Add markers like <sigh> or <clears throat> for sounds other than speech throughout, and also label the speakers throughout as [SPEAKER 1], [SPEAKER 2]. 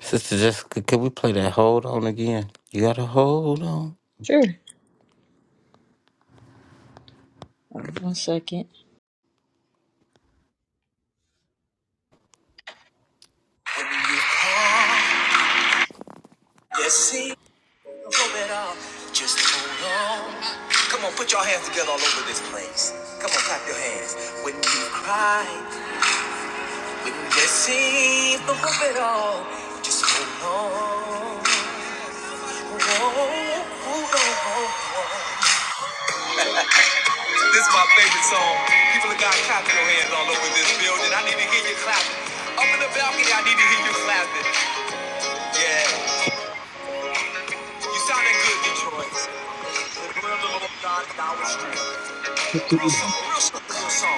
[SPEAKER 1] Sister Jessica, can we play that hold on again? You gotta hold on.
[SPEAKER 2] Sure. One second. When you call, yes, see, throw it up. Just hold on. Come on, put your hands together all over this place. Come on, clap your hands. When you cry, when you see, throw it all. Just hold on. Hold on. Hold on. This is my favorite song. People have got clapping your hands all over this building. I need to hear you clapping. Up in the balcony, I need to hear you clapping. Yeah. You sounding good, Detroit. Real simple,
[SPEAKER 3] Kick me.
[SPEAKER 2] real simple, real song.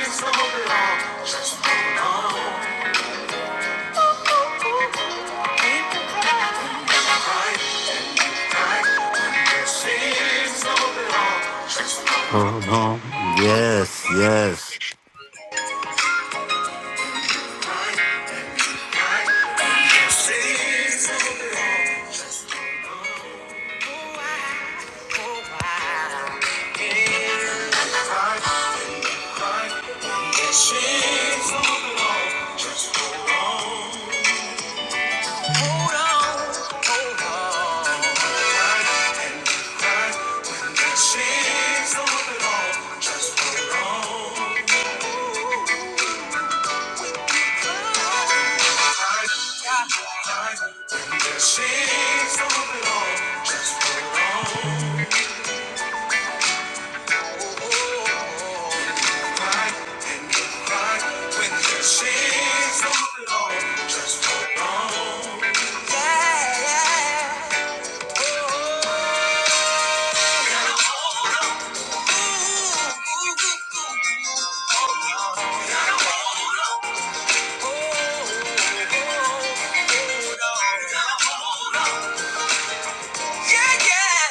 [SPEAKER 2] It's on, it's on.
[SPEAKER 1] Hold on. Yes, yes.
[SPEAKER 2] Oh, yeah, yeah. Oh, gotta hold on. Yeah, yeah.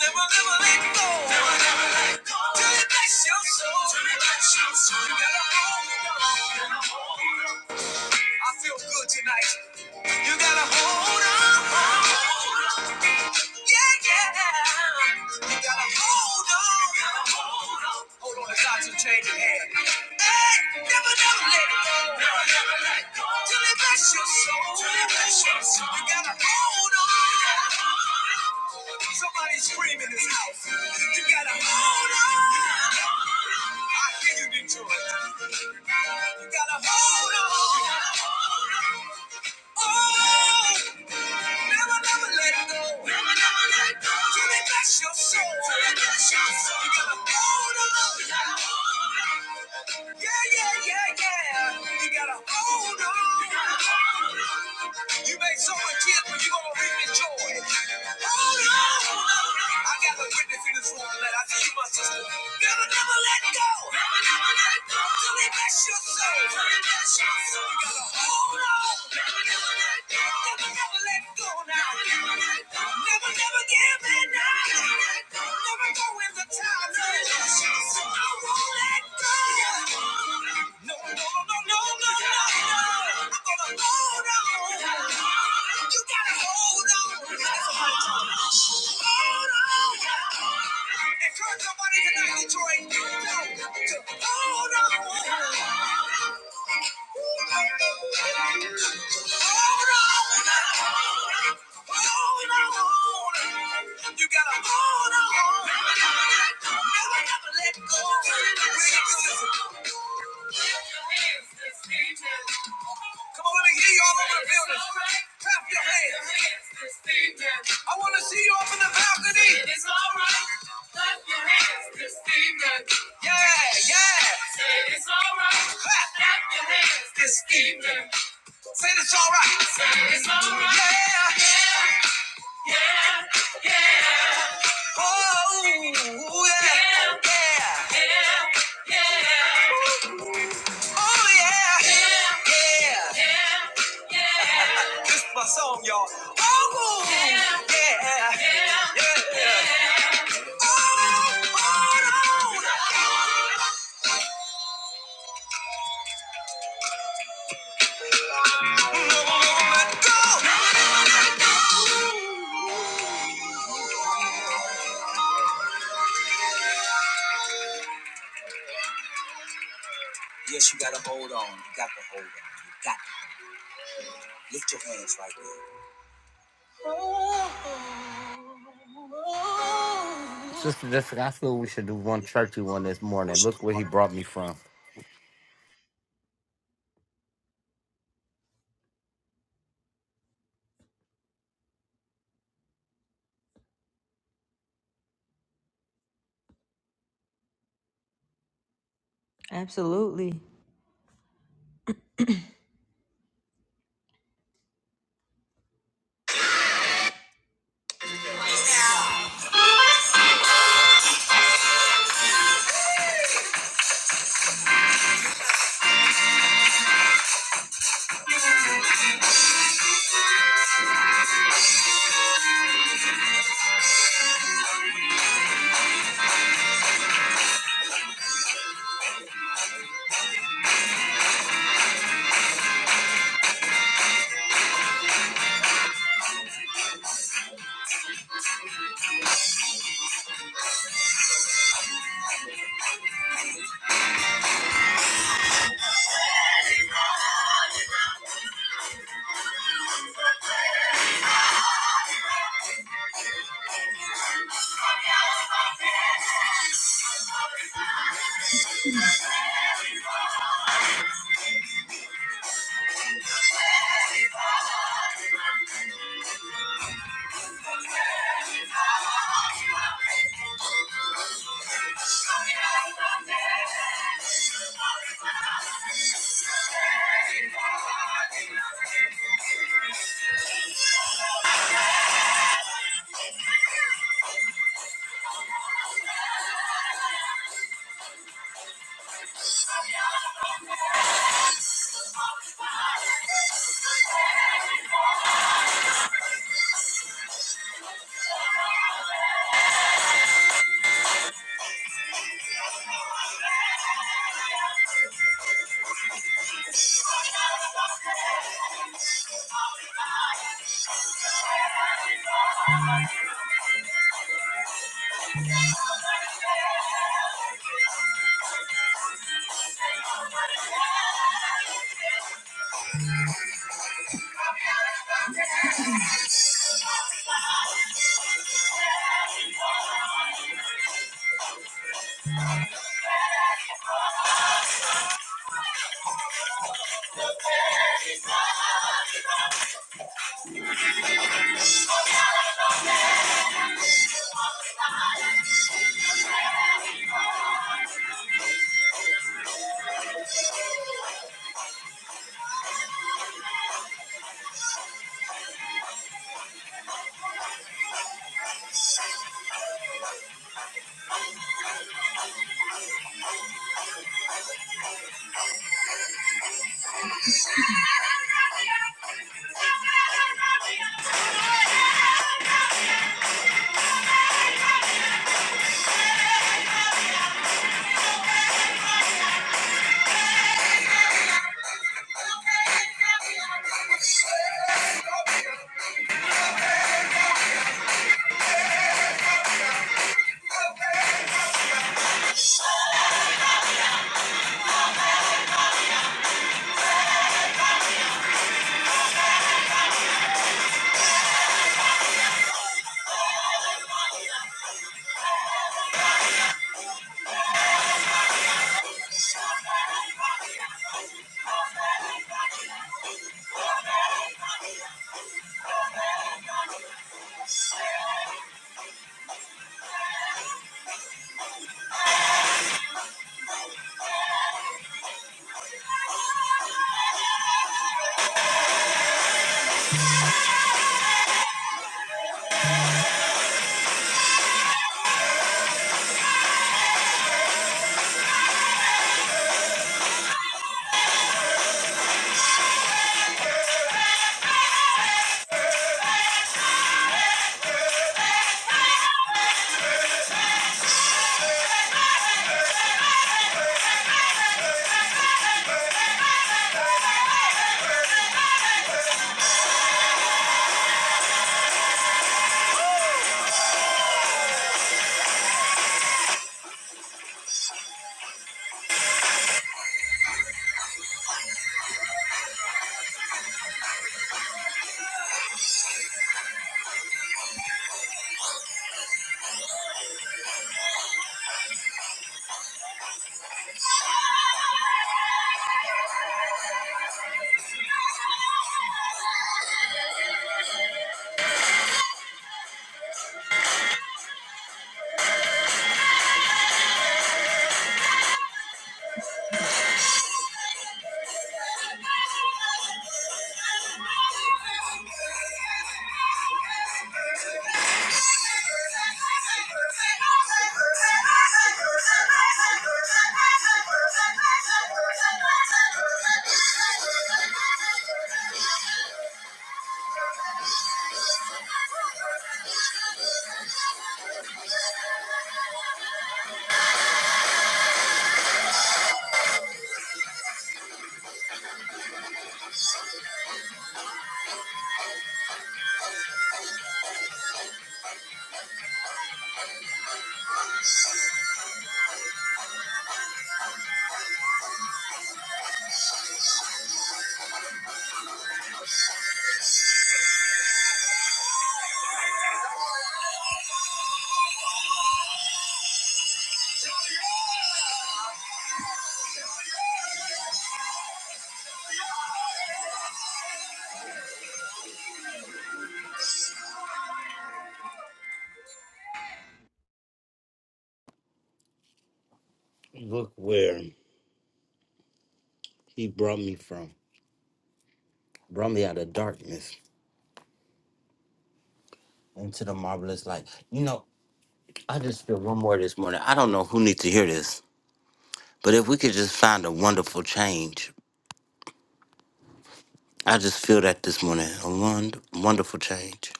[SPEAKER 2] Never, never let go. Never, never let go. Till it bless your soul. Till it bless your soul. You gotta hold it on. you gotta hold it on. I feel good tonight. You gotta hold on yeah. yeah. You gotta hold on. Gotta hold on. Hold on it's not to change your hand. Hey, never, never let it go. Never, never let it go. Till it bless your soul. Till it bless your soul. You gotta hold on. You gotta hold on. Somebody scream in this house. You gotta hold on. You gotta hold on. I hear you, Detroit. You gotta hold on. You gotta hold on. Oh, never, never let it go. Never, never let it go. Till it bless your soul. Till it bless your soul. You gotta hold on. You gotta hold on. Yeah, yeah, yeah, yeah. You gotta hold on. You gotta hold on. You may sow a tears, but you're gonna reap the joy. Hold on. I I got a witness in this room tonight. I see you, my sister. Never, never let go. Never, never let go. Till they bless your soul. Till they bless your soul. You gotta hold on. Never, never let go. Never, never let go now. Never, never let go. Never, never give in now. Never let go. Never go in the time. Till they bless your soul. I won't let go. No, no, no, no, no, no, no. I'm gonna hold on. You gotta hold on. You gotta hold on. Encourage somebody tonight, Detroit. hold on. Hold on. You gotta hold on. Never, never let go. Come on, let me hear you all over the building. Clap your hands. I want to see you up in the balcony. It is all right. Clap your hands this evening. Yeah, yeah. Say it's all right. Clap, clap your hands this evening. Say it's all right. it's all right. Yeah, yeah. Oh, yeah. Yeah. Oh, yeah. Yeah. yeah. This is my song, y'all. Oh, yeah. Yeah. yeah. Oh, hold on. No, no, no, let go. No, no, let go. Yes, you gotta hold on. You got to hold on. You got to lift your hands right there.
[SPEAKER 1] Sister Jessica, I feel we should do one churchy one this morning.
[SPEAKER 2] Worship
[SPEAKER 1] Look
[SPEAKER 2] the
[SPEAKER 1] where he
[SPEAKER 2] Lord.
[SPEAKER 1] brought me from.
[SPEAKER 2] Absolutely.
[SPEAKER 1] Look where he brought me from. Brought me out of darkness into the marvelous light. You know, I just feel one more this morning. I don't know who needs to hear this, but if we could just find a wonderful change, I just feel that this morning. A won- wonderful change.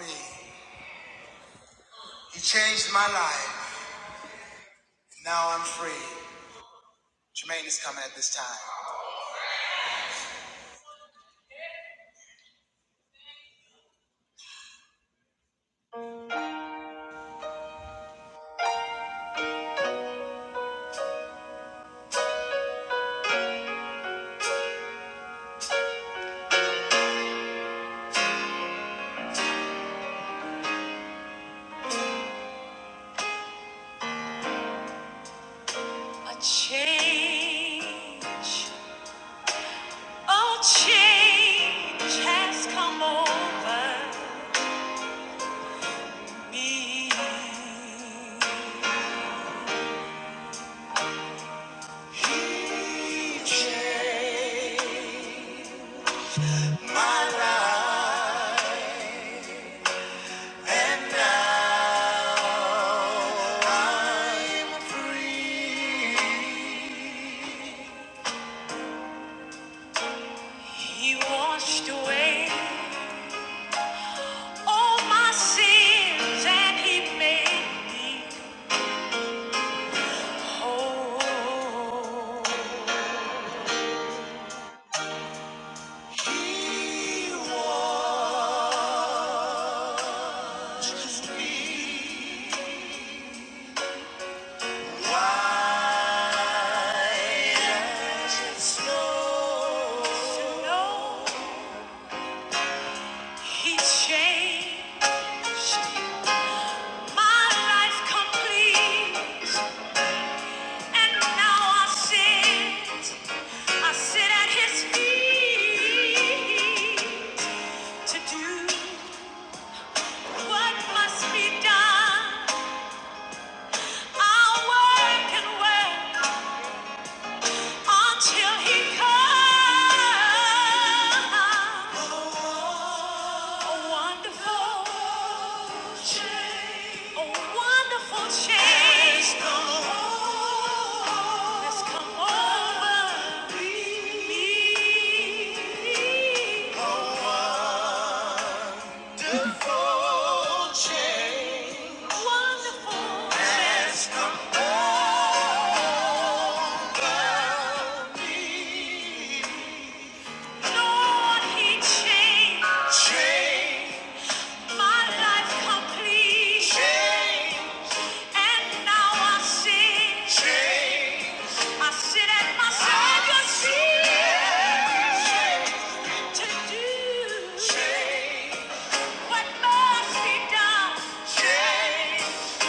[SPEAKER 2] Me. He changed my life. Now I'm free. Jermaine is coming at this time. A change. Oh, change has come over me. He washed away all my sins and he made me whole. White as snow, snow. He changed my life complete. And now I sit, I sit at his feet to do what must be done. I'll work and work until he comes. A wonderful change. A wonderful change. Has come over me. A wonderful change. Lord, He changed my life complete. And now I sing. Change. My sin and my Savior to do what must be done.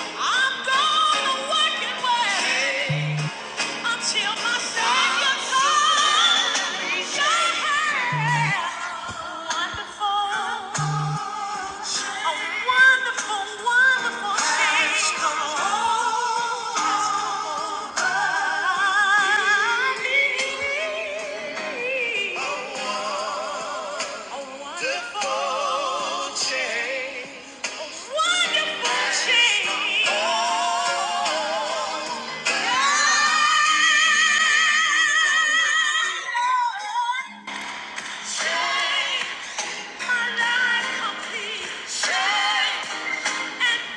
[SPEAKER 2] I'm gonna work it well. Until my Savior comes, wonderful, a wonderful, wonderful Wonderful change. Change.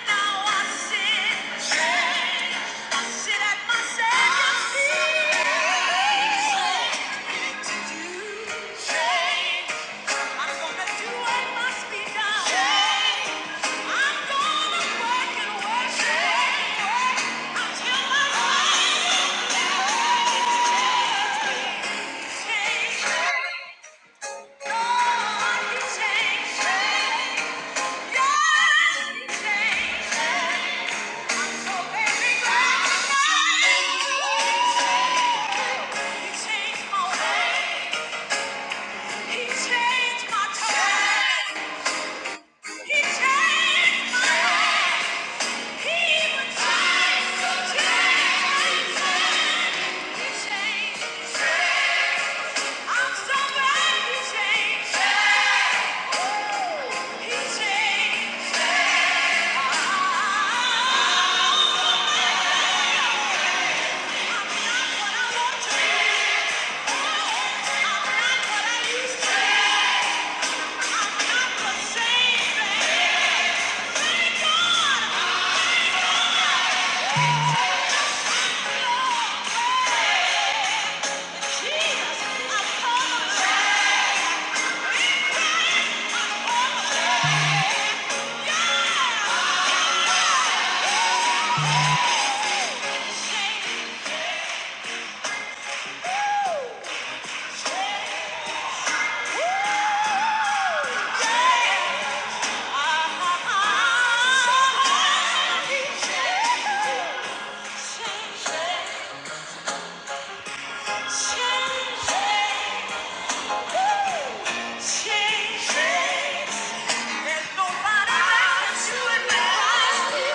[SPEAKER 2] I'm not what I want to be.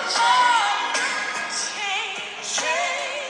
[SPEAKER 2] Change, change.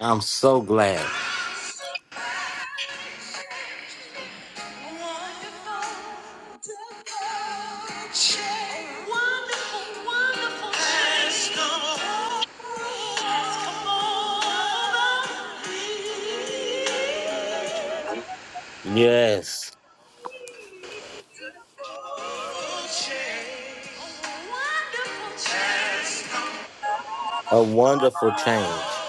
[SPEAKER 1] I'm so glad. Yes. A wonderful change.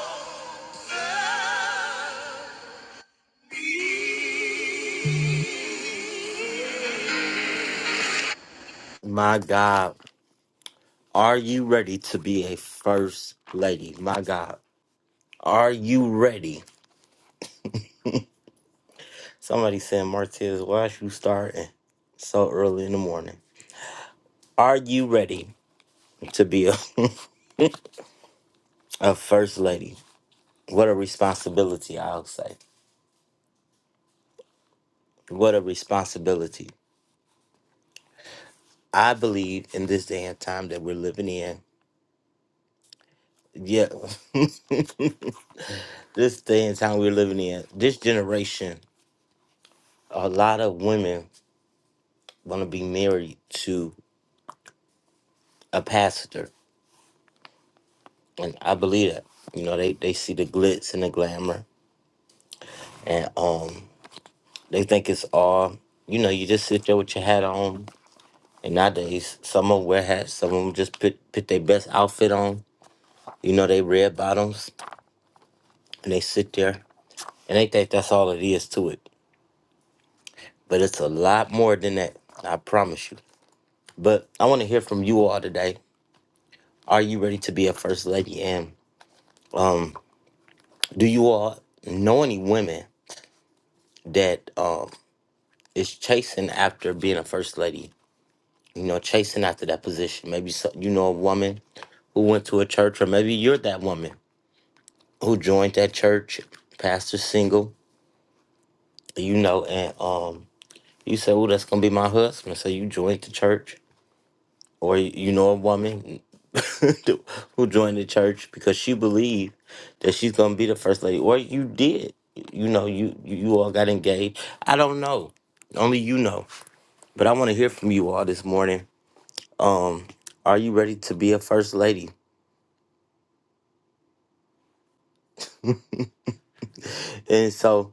[SPEAKER 1] My God. Are you ready to be a first lady? My God. Are you ready? Somebody said, Martez, why is you starting so early in the morning? Are you ready to be a, <laughs> a first lady? What a responsibility, I'll say. What a responsibility. I believe in this day and time that we're living in. Yeah. <laughs> this day and time we're living in, this generation, a lot of women want to be married to a pastor, and I believe that. You know, they they see the glitz and the glamour, and um, they think it's all. You know, you just sit there with your hat on, and nowadays some of 'em wear hats, some of them just put put their best outfit on. You know, they red bottoms, and they sit there, and they think that's all it is to it. But it's a lot more than that. I promise you. But I want to hear from you all today. Are you ready to be a first lady? And um, do you all know any women? that um is chasing after being a first lady. You know, chasing after that position. Maybe so, you know a woman who went to a church, or maybe you're that woman who joined that church, pastor single. You know, and um, you say, "Oh, that's gonna be my husband." So you joined the church, or you know a woman <laughs> who joined the church because she believed that she's gonna be the first lady or you did you know you you all got engaged i don't know only you know but i want to hear from you all this morning um are you ready to be a first lady and so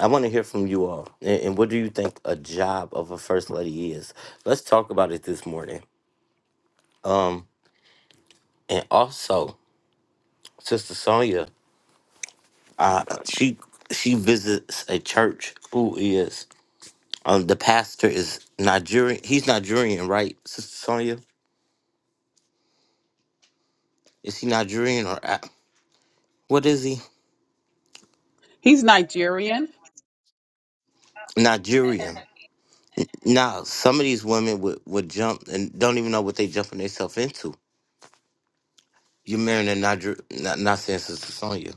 [SPEAKER 1] i want to hear from you all and, and what do you think a job of a first lady is let's talk about it this morning um and also sister sonia Uh, she she visits a church who is um the pastor is Nigerian. He's Nigerian, right, Sister Sonia? Is he Nigerian or a- what is he?
[SPEAKER 3] He's Nigerian.
[SPEAKER 1] Nigerian. Now, some of these women would, would jump and don't even know what they jumping themselves into. you marrying a Niger not, not saying Sister Sonia,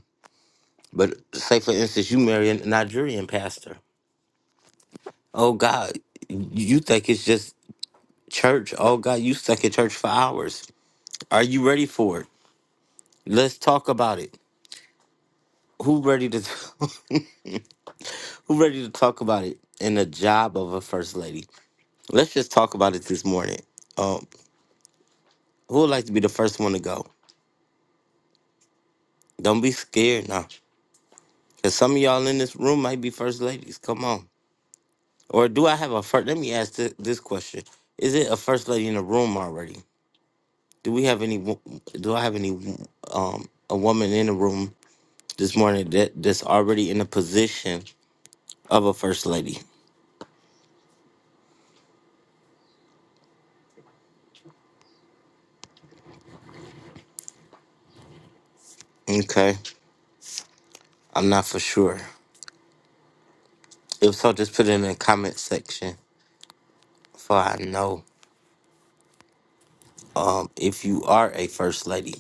[SPEAKER 1] but say for instance, you marry a Nigerian pastor. Oh God, you think it's just church? Oh God, you stuck in church for hours. Are you ready for it? Let's talk about it. who ready to <laughs> who ready to talk about it in the job of a first lady? Let's just talk about it this morning. Um, who would like to be the first one to go? Don't be scared now, cause some of y'all in this room might be first ladies. Come on, or do I have a first? Let me ask thi- this question: Is it a first lady in the room already? Do we have any? wo- Do I have any? Um, a woman in the room this morning that that's already in the position of a first lady? Okay, I'm not for sure. If so, just put it in the comment section for I know um, if you are a first lady.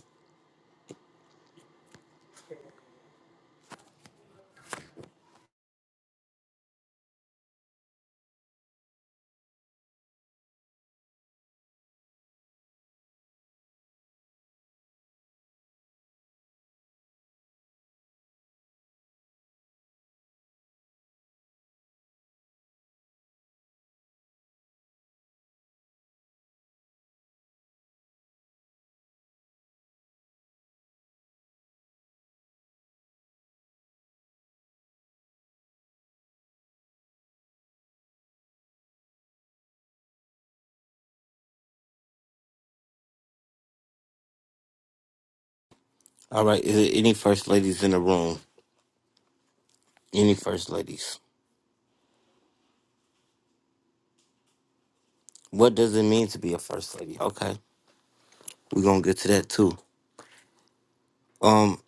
[SPEAKER 1] All right, is there any first ladies in the room? Any first ladies? What does it mean to be a first lady? Okay, we're gonna get to that too. Um,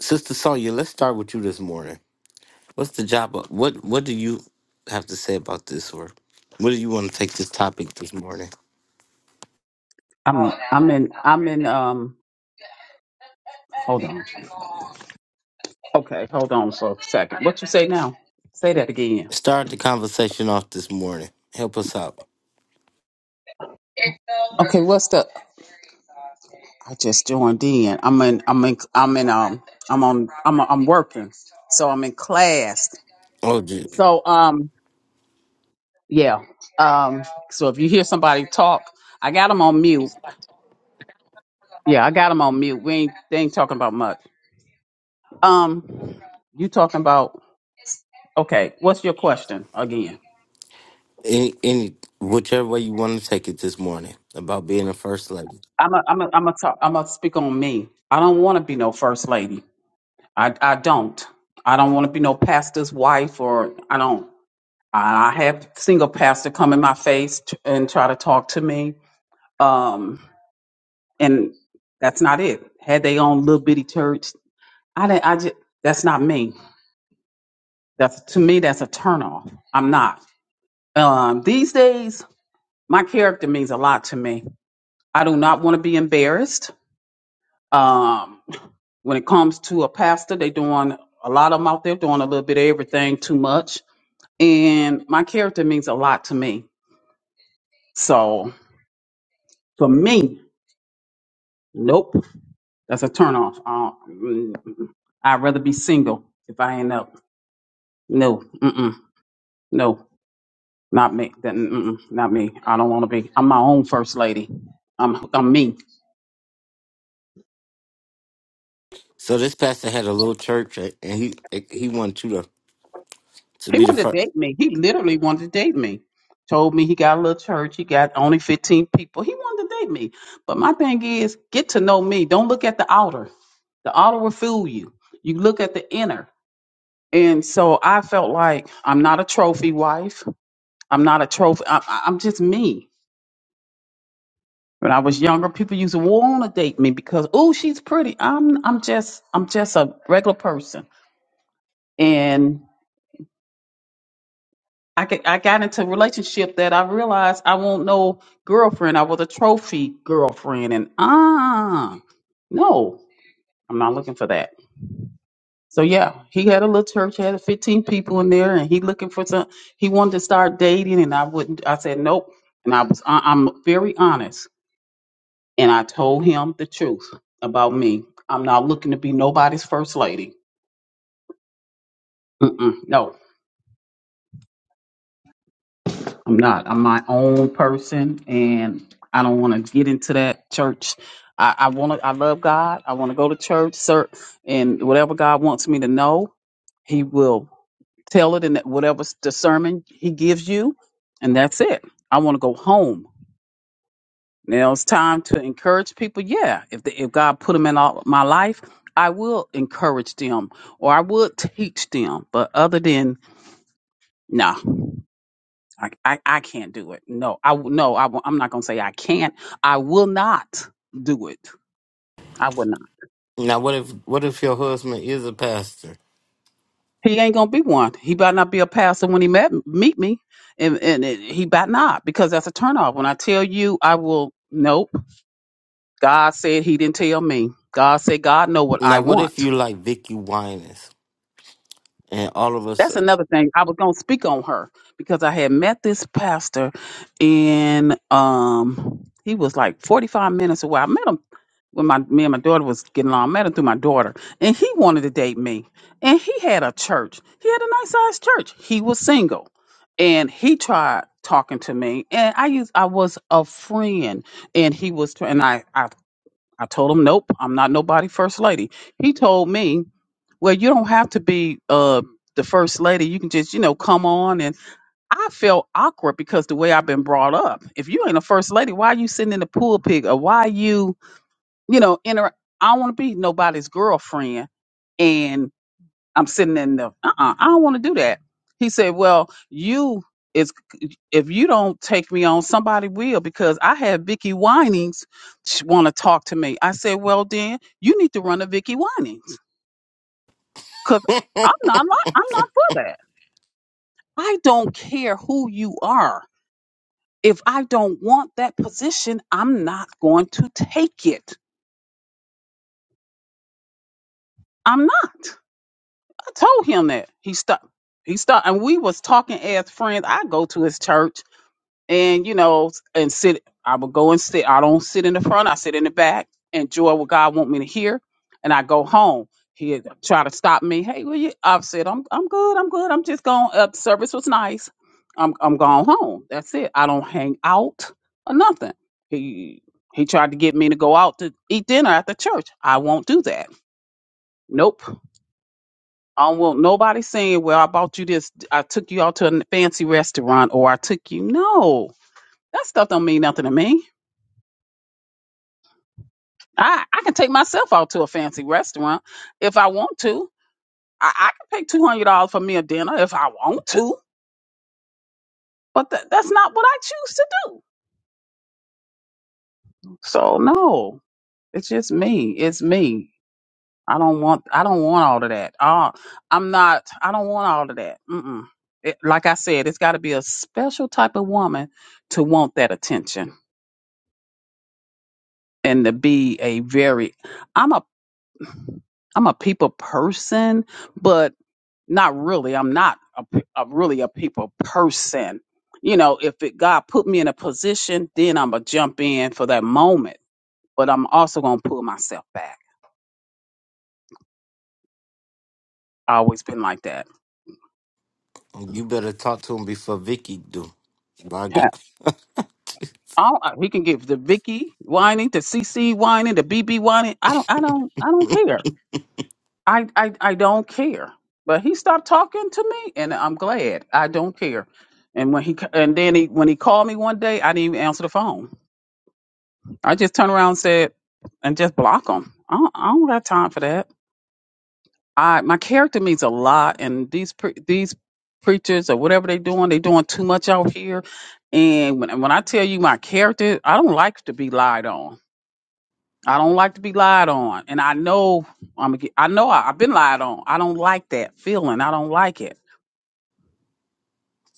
[SPEAKER 1] Sister Sonya, let's start with you this morning. What's the job? Of, what What do you have to say about this, or what do you want to take this topic this morning?
[SPEAKER 3] I'm I'm in I'm in um hold on. Okay, hold on for a second. What you say now? Say that again.
[SPEAKER 1] Start the conversation off this morning. Help us out.
[SPEAKER 3] Okay, what's the I just joined in. I'm in I'm in I'm in um I'm on I'm I'm working. So I'm in class.
[SPEAKER 1] Oh, gee.
[SPEAKER 3] So um yeah. Um so if you hear somebody talk, I got them on mute.
[SPEAKER 4] He's fine.
[SPEAKER 3] Yeah, I got them on mute. We ain't they ain't talking about much. Um you talking about okay, what's your question again?
[SPEAKER 1] any, any whichever way you want to take it this morning about being a first lady.
[SPEAKER 3] I'm a, I'm a, I'm a talk, I'm gonna speak on me. I don't want to be no first lady. I I don't. I don't want to be no pastor's wife or I don't. I I have single pastor come in my face t- and try to talk to me. Um, and that's not it. Had they own little bitty church, I didn't. I just that's not me. That's to me that's a turnoff. I'm not. Um, these days my character means a lot to me. I do not want to be embarrassed. Um, when it comes to a pastor, they doing a lot of them out there doing a little bit of everything too much. And my character means a lot to me. So for me, nope, that's a turnoff. Uh, mm, mm. I'd rather be single if I end up. No, mm-mm, no, not me. That, mm-mm, not me. I don't want to be. I'm my own first lady. I'm I'm me.
[SPEAKER 1] So this pastor had a little church, a- and he he wanted you to to
[SPEAKER 3] He
[SPEAKER 1] be the
[SPEAKER 3] wanted to
[SPEAKER 1] first.
[SPEAKER 3] date me. He literally wanted to date me. Told me he got a little church. He got only 15 people. He wanted to date me. But my thing is, get to know me. Don't look at the outer. The outer will fool you. You look at the inner. And so I felt like I'm not a trophy wife. I'm not a trophy. I, I- I'm just me. When I was younger, people used to want to date me because, oh, she's pretty. I'm, I'm just, I'm just a regular person. And I get, I got into a relationship that I realized I won't no girlfriend. I was a trophy girlfriend, and ah, no, I'm not looking for that. So yeah, he had a little church, had 15 people in there, and he looking for some. He wanted to start dating, and I wouldn't. I said nope, and I was I- I'm very honest, and I told him the truth about me. I'm not looking to be nobody's first lady. Mm-mm, no, I'm not. I'm my own person, and I don't want to get into that church. I, I want to. I love God. I want to go to church, sir, and whatever God wants me to know, He will tell it in that- whatever the sermon He gives you, and that's it. I want to go home. Now it's time to encourage people. Yeah, if the, if God put them in all, my life, I will encourage them or I will teach them. But other than no, I, I, I can't do it. No, I w- no, I, am not gonna say I can't. I will not do it. I will not.
[SPEAKER 1] Now, what if what if your husband is a pastor?
[SPEAKER 3] He ain't gonna be one. He better not be a pastor when he met meet me, and and it, he better not because that's a turnoff. When I tell you, I will. Nope. God said He didn't tell me. God said God know what I
[SPEAKER 1] Now, what if
[SPEAKER 3] want.
[SPEAKER 1] you like Vicky Winans, and all of us,
[SPEAKER 3] That's another thing. I was gonna speak on her because I had met this pastor and um he was like 45 minutes away. I met him when my me and my daughter was getting along. I met him through my daughter and he wanted to date me. And he had a church. He had a nice sized church. He was single. And he tried talking to me and I used I was a friend and he was tr- and I I told him, nope, I'm not nobody first lady. He told me, well, you don't have to be uh, the first lady. You can just, you know, come on. And I felt awkward because the way I've been brought up. If you ain't a first lady, why you sitting in the pulpit or why you, you know, inter- I don't want to be nobody's girlfriend. And. I'm sitting in the, uh-uh, I don't want to do that. He said, well, you is, if you don't take me on, somebody will, because I had Vicky Winings want to talk to me. I said, well, then you need to run a Vicky Winings because I'm not, li- I'm not for that. I don't care who you are. If I don't want that position, I'm not going to take it. I'm not. I told him that. He stopped. He stopped, and we was talking as friends. I go to his church. and you know, and sit. I would go and sit. I don't sit in the front. I sit in the back. Enjoy what God want me to hear, and I go home. He try to stop me. Hey, will you? I've said I'm I'm good. I'm good. I'm just going up. Service was nice. I'm I'm going home. That's it. I don't hang out or nothing. He he tried to get me to go out to eat dinner at the church. I won't do that. Nope. I don't want nobody saying, "Well, I bought you this. I took you out to a fancy restaurant, or I took you." No, that stuff don't mean nothing to me. I, I can take myself out to a fancy restaurant if I want to. I, I can pay two hundred dollars for me a dinner if I want to, but tha- that's not what I choose to do. So no, it's just me. It's me. I don't want. I don't want all of that. Uh, I'm not. I don't want all of that. Mm-mm. It, like I said, it's got to be a special type of woman to want that attention and to be a very. I'm a. I'm a people person, Not really. I'm not a, pe- a- really a people person. You know, if it, God put me in a position, then I'm gonna jump in for that moment. But I'm also gonna pull myself back. I always been like that.
[SPEAKER 1] you better talk to him before Vicky do. By God,
[SPEAKER 3] Yeah.
[SPEAKER 1] <laughs>
[SPEAKER 3] I don't- we can give the Vicky whining, the C C whining, the B B whining. I don't. I don't. I don't care. I, I I don't care. But he stopped talking to me, and I'm glad. I don't care. And when he c- and then he when he called me one day, I didn't even answer the phone. I just turn around and said, and just block them. I don't, I don't got time for that. I my character means a lot, and these pre- these preachers or whatever they doing, they doing too much out here. And when when I tell you my character, I don't like to be lied on. I don't like to be lied on, and I know I'm. a- I know I, I've been lied on. I don't like that feeling. I don't like it.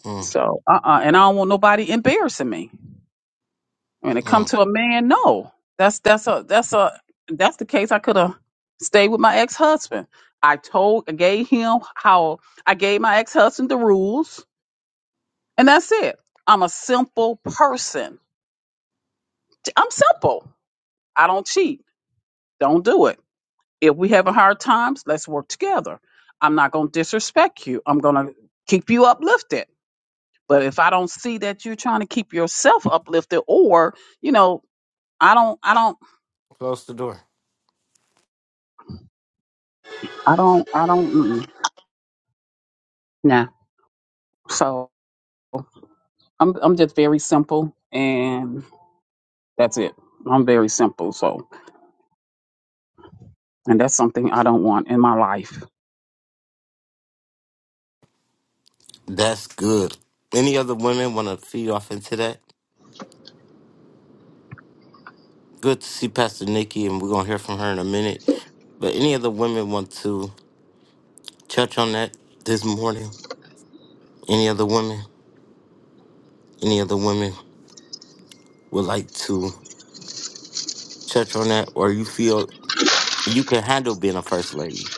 [SPEAKER 1] mm,
[SPEAKER 3] So uh uh and I don't want nobody embarrassing me. When it come
[SPEAKER 1] mm.
[SPEAKER 3] to a man, no. That's that's a that's a that's the case. I could have stayed with my ex husband. I told I gave him how I gave my ex husband the rules, and that's it. I'm a simple person. I'm simple. I don't cheat. Don't do it. If we having hard times, let's work together. I'm not gonna disrespect you. I'm gonna keep you uplifted. But if I don't see that you're trying to keep yourself uplifted, or you know, I don't, I don't,
[SPEAKER 1] close the door.
[SPEAKER 3] I don't, I don't. Mm-mm. Nah. So I'm I'm just very simple, and that's it. I'm very simple. So, and that's something I don't want in my life.
[SPEAKER 1] That's good. Any other women want to feed off into that? Good to see Pastor Nikki, and we're gonna hear from her in a minute. But any other women want to? touch on that this morning? Any other women, any other women would like to touch on that, or you feel you can handle being a first lady?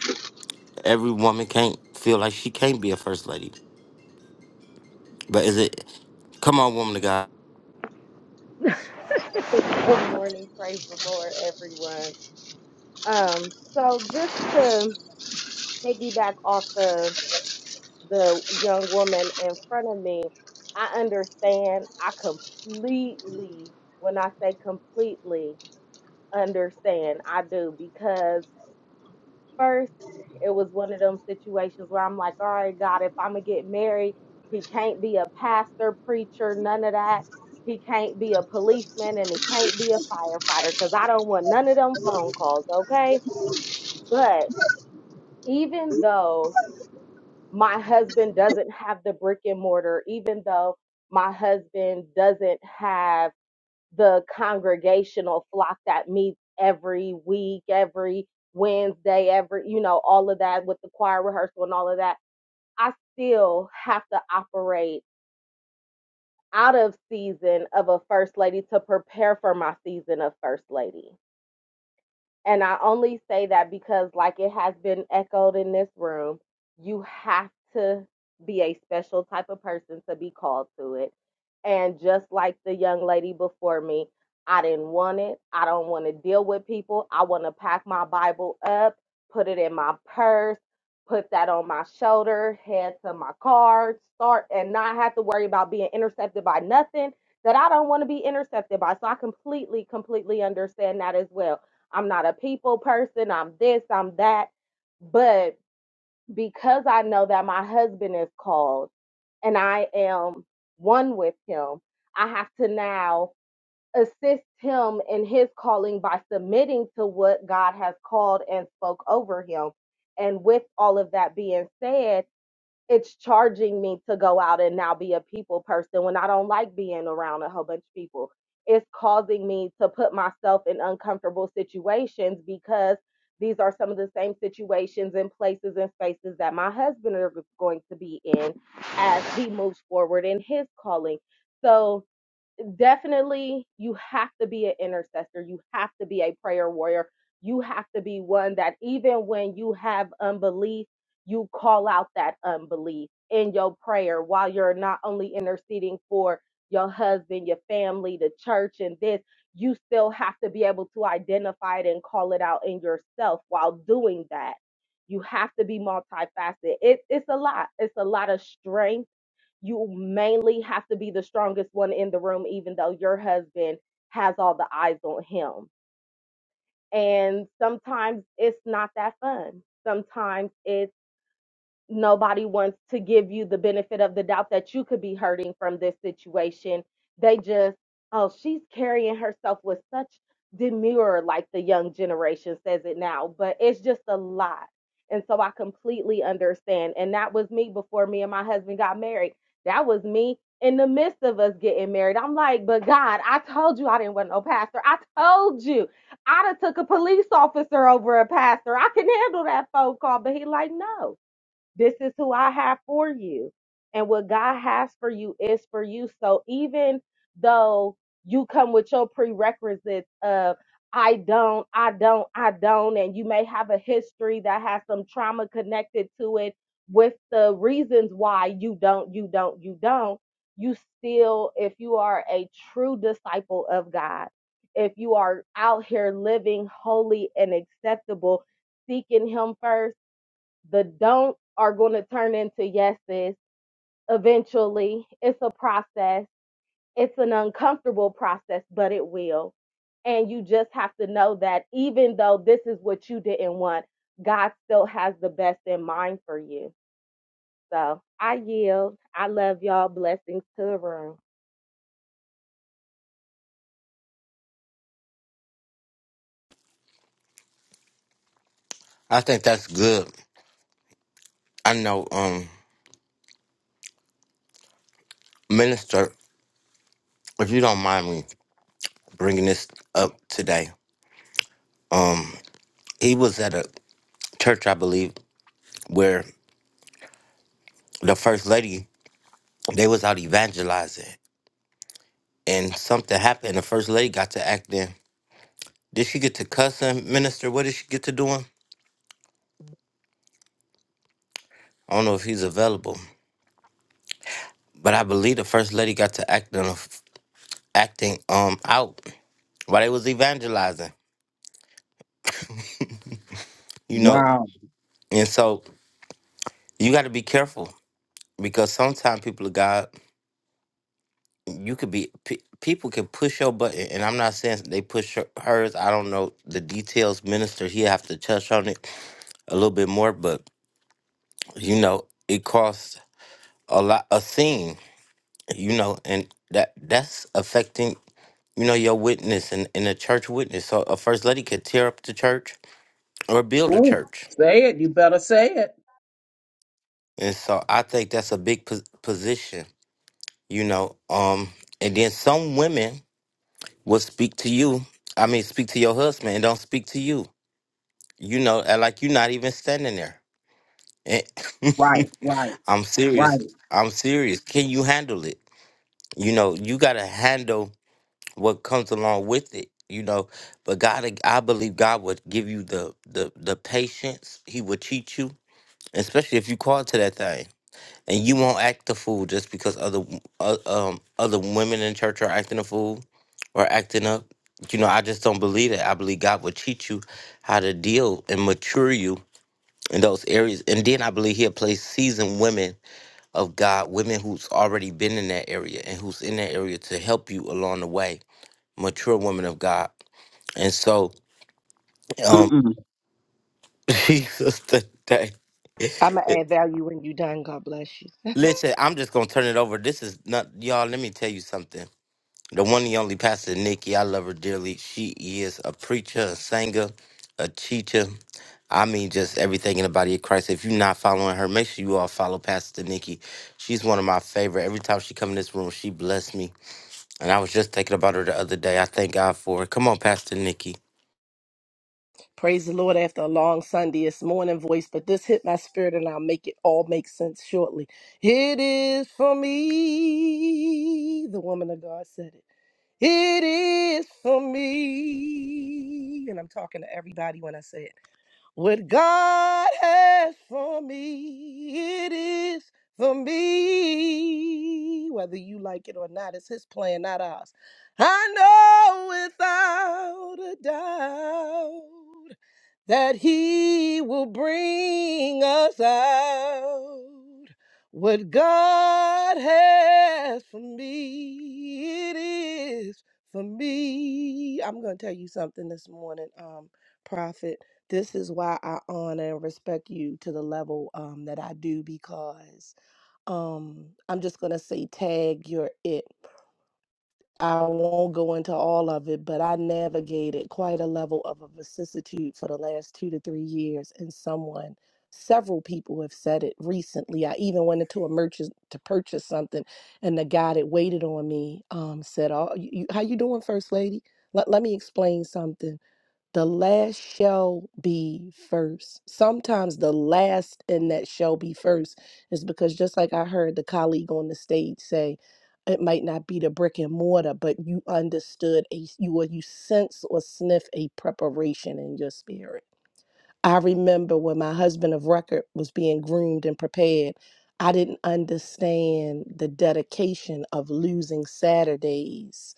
[SPEAKER 1] Every woman can't feel like she can't be a first lady, but is it? Come on, woman of God.
[SPEAKER 5] Good morning, praise the Lord, everyone. Um, so just to piggyback off of the young woman in front of me, I understand. I completely, when I say completely, understand. I do because first, it was one of them situations where I'm like, all right, God, if I'm going to get married, he can't be a pastor, preacher, none of that. He can't be a policeman and he can't be a firefighter because I don't want none of them phone calls, okay? But even though my husband doesn't have the brick and mortar, even though my husband doesn't have the congregational flock that meets every week, every Wednesday, every, you know, all of that with the choir rehearsal and all of that, I still have to operate out of season of a first lady to prepare for my season of first lady. And I only say that because, like it has been echoed in this room, you have to be a special type of person to be called to it. And just like the young lady before me, I didn't want it. I don't want to deal with people. I want to pack my Bible up, put it in my purse, put that on my shoulder, head to my car, start, and not have to worry about being intercepted by nothing that I don't want to be intercepted by. So I completely, completely understand that as well I'm not a people person. I'm this, I'm that. But because I know that my husband is called and I am one with him, I have to now assist him in his calling by submitting to what God has called and spoke over him. And with all of that being said, it's charging me to go out and now be a people person when I don't like being around a whole bunch of people. It's causing me to put myself in uncomfortable situations because these are some of the same situations and places and spaces that my husband is going to be in as he moves forward in his calling. So, definitely you have to be an intercessor you have to be a prayer warrior you have to be one that even when you have unbelief you call out that unbelief in your prayer while you're not only interceding for your husband your family the church and this you still have to be able to identify it and call it out in yourself while doing that you have to be multifaceted it, it's a lot it's a lot of strength you mainly have to be the strongest one in the room, even though your husband has all the eyes on him. And sometimes it's not that fun. Sometimes it's nobody wants to give you the benefit of the doubt that you could be hurting from this situation. They just, oh, she's carrying herself with such demure, like the young generation says it now, but it's just a lot. And so I completely understand. And that was me before me and my husband got married. That was me in the midst of us getting married. I'm like, but God, I told you I didn't want no pastor. I told you I'd have took a police officer over a pastor. I can handle that phone call. But he like, no. This is who I have for you. And what God has for you is for you. So even though you come with your prerequisites of, I don't, I don't, I don't, and you may have a history that has some trauma connected to it with the reasons why you don't, you don't, you don't, you still, if you are a true disciple of God, if you are out here living holy and acceptable, seeking Him first the don't are going to turn into yeses eventually. It's a process, it's an uncomfortable process, but it will. And you just have to know that even though this is what you didn't want, God still has the best in mind for you. So I yield. I love y'all. Blessings to the room.
[SPEAKER 1] I think that's good. I know, um, minister. If you don't mind me bringing this up today, um, he was at a church, I believe, where the first lady they was out evangelizing, and something happened. The first lady got to acting Did she get to cussing, Minister? What did she get to doing? I don't know if he's available, but I believe the first lady got to act on a f acting um out while they was evangelizing. You know,
[SPEAKER 3] Wow.
[SPEAKER 1] and so you got to be careful because sometimes people of God, you could be pe- people can push your button, and I'm not saying they push her- hers. I don't know the details, Minister. He have to touch on it a little bit more, but you know, it costs a lot a scene. You know, and that that's affecting you know, your witness and, and a church witness. So a first lady could tear up the church or build a
[SPEAKER 3] Ooh,
[SPEAKER 1] church.
[SPEAKER 3] say it. You better say it.
[SPEAKER 1] And so I think that's a big pos- position, you know. Um, and then some women will speak to you. I mean, speak to your husband and don't speak to you. You know, and like you're not even standing there. And
[SPEAKER 3] Right,
[SPEAKER 1] <laughs>
[SPEAKER 3] right,
[SPEAKER 1] I'm serious.
[SPEAKER 3] right.
[SPEAKER 1] I'm serious. Can you handle it? You know, you gotta handle what comes along with it you know but god i believe god would give you the the the patience he would teach you especially if you call to that thing and you won't act the fool just because other w- uh, um other women in church are acting a fool or acting up you know i just don't believe that i believe god would teach you how to deal and mature you in those areas and then i believe he'll place seasoned women of god women who's already been in that area and who's in that area to help you along the way mature woman of God. And so, um,
[SPEAKER 3] Mm-mm.
[SPEAKER 1] <laughs> Jesus today.
[SPEAKER 6] I'm going to add value when you're done. God bless you.
[SPEAKER 1] Listen, I'm just gonna turn it over. This is not y'all, let me tell you something. The one and only Pastor Nikki, I love her dearly. She is a preacher, a singer, a teacher. I mean just everything in the body of Christ. If you're not following her, make sure you all follow Pastor Nikki. She's one of my favorite. Every time she come in this room, she bless me. And I was just thinking about her the other day. I thank God for her. Come on, Pastor Nikki.
[SPEAKER 6] Praise the Lord after a long Sunday. It's morning voice, but this hit my spirit and I'll make it all make sense shortly. It is for me. The woman of God said it. It is for me. And I'm talking to everybody when I say it. What God has for me, it is for me. Whether you like it or not, it's His plan, not ours. I know without a doubt that he will bring us out. What God has for me, it is for me. I'm going to tell you something this morning, um, Prophet. This is why I honor and respect you to the level um, that I do because um, I'm just going to say, tag, you're it. I won't go into all of it, but I navigated quite a level of a vicissitude for the last two to three years. And someone, several people have said it recently. I even went into a merchant to purchase something, and the guy that waited on me um, said, "Oh, you, you- how you doing, First Lady? Let, let me explain something." The last shall be first. Sometimes the last and that shall be first is because just like I heard the colleague on the stage say, it might not be the brick and mortar, but you understood a you or you sense or sniff a preparation in your spirit. I remember when my husband of record was being groomed and prepared, I didn't understand the dedication of losing Saturdays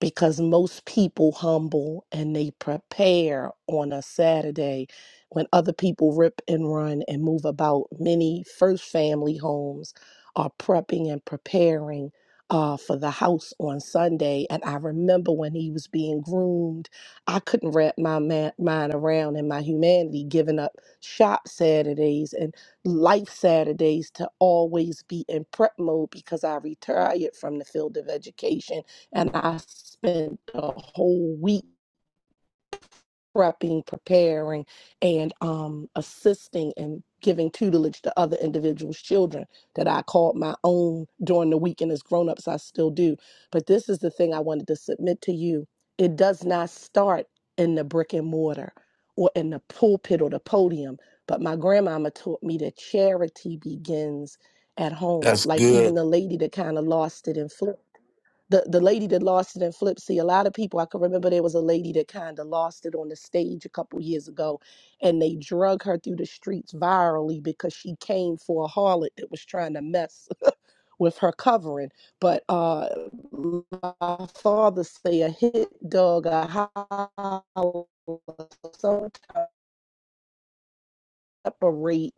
[SPEAKER 6] because most people humble and they prepare on a Saturday when other people rip and run and move about. Many first family homes are prepping and preparing uh, for the house on Sunday. And I remember when he was being groomed, I couldn't wrap my ma- mind around in my humanity, giving up shop Saturdays and life Saturdays to always be in prep mode because I retired from the field of education and I spent a whole week prepping, preparing, and um, assisting and giving tutelage to other individuals' children that I called my own during the week, and as grown-ups, I still do. But this is the thing I wanted to submit to you: it does not start in the brick and mortar or in the pulpit or the podium. But my grandmama taught me that charity begins at home.
[SPEAKER 1] That's
[SPEAKER 6] Like even
[SPEAKER 1] good.
[SPEAKER 6] the lady that kind of lost it in Florida the the lady that lost it in Flipsy, a lot of people I can remember there was a lady that kind of lost it on the stage a couple years ago, and they drug her through the streets virally because she came for a harlot that was trying to mess <laughs> with her covering. But uh, my father say a hit dog a holler sometimes separate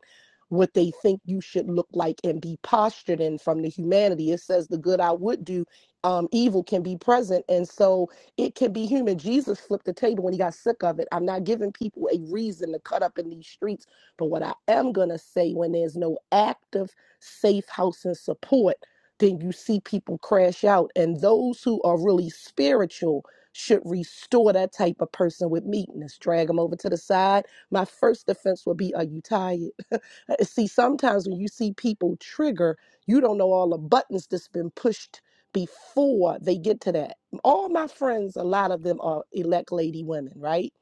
[SPEAKER 6] what they think you should look like and be postured in from the humanity. It says the good I would do, um, evil can be present. And so it can be human. Jesus flipped the table when he got sick of it. I'm not giving people a reason to cut up in these streets. But what I am going to say when there's no active safe house and support, then you see people crash out. And those who are really spiritual should restore that type of person with meekness, drag them over to the side my first defense would be, Are you tired? <laughs> See, sometimes when you see people trigger, you don't know all the buttons that's been pushed before they get to that. All my friends, a lot of them are elect lady women, right?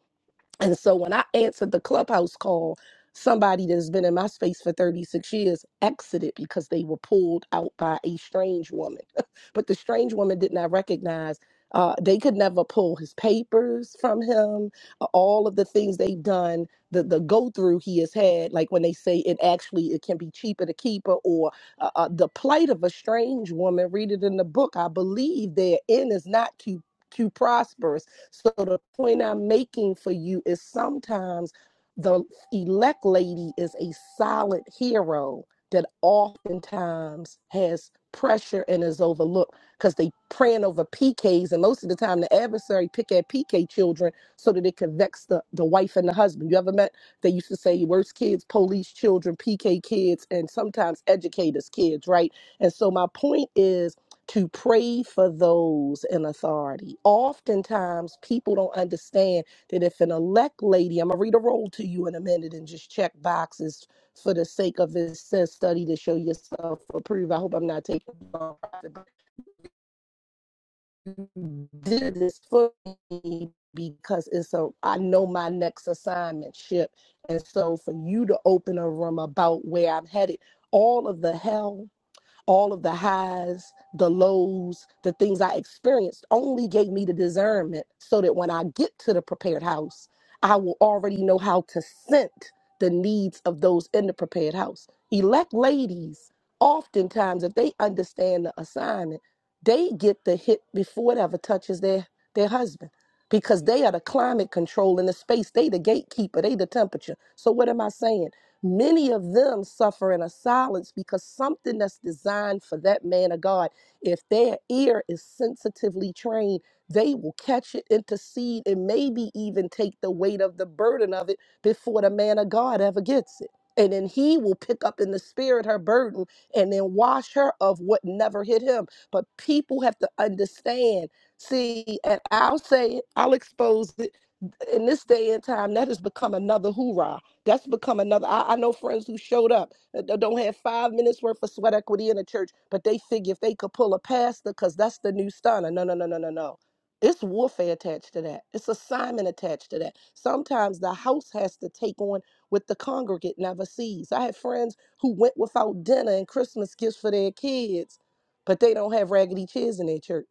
[SPEAKER 6] And so when I answered the clubhouse call, somebody that's been in my space for 36 years exited because they were pulled out by a strange woman. <laughs> but the strange woman did not recognize. Uh, they could never pull his papers from him. uh, All of the things they've done, the the go through he has had, like when they say it actually it can be cheaper to keep her, or uh, uh, the plight of a strange woman. Read it in the book. I believe their end is not too too prosperous so the point I'm making for you is sometimes the elect lady is a solid hero that oftentimes has pressure and is overlooked because they praying over PKs and most of the time the adversary pick at PK children so that it can vex the, the wife and the husband. You ever met they used to say worst kids, police children, PK kids, and sometimes educators kids, right? And so my point is to pray for those in authority. Oftentimes, people don't understand that if an elect lady, I'm going to read a roll to you in a minute and just check boxes for the sake of this says study to show yourself approved. I hope I'm not taking long. but you did this for me because it's a I know my next assignment ship. And so for you to open a room about where I'm headed, all of the hell all of the highs, the lows, the things I experienced only gave me the discernment so that when I get to the prepared house, I will already know how to scent the needs of those in the prepared house. Elect ladies, oftentimes, if they understand the assignment, they get the hit before it ever touches their, their husband because they are the climate control in the space. They the gatekeeper, they the temperature. So what am I saying? Many of them suffer in a silence because something that's designed for that man of God, if their ear is sensitively trained, they will catch it, intercede, and maybe even take the weight of the burden of it before the man of God ever gets it. And then he will pick up in the spirit her burden and then wash her of what never hit him. But people have to understand. See, and I'll say it, I'll expose it in this day and time, that has become another hoorah. That's become another. I, I know friends who showed up uh, that don't don't have five minutes worth of sweat equity in the church, but they figure if they could pull a pastor, because that's the new stunner. No, no, no, no, no, no. It's warfare attached to that. It's assignment attached to that. Sometimes the house has to take on what the congregate never sees. I have friends who went without dinner and Christmas gifts for their kids, but they don't have raggedy chairs in their church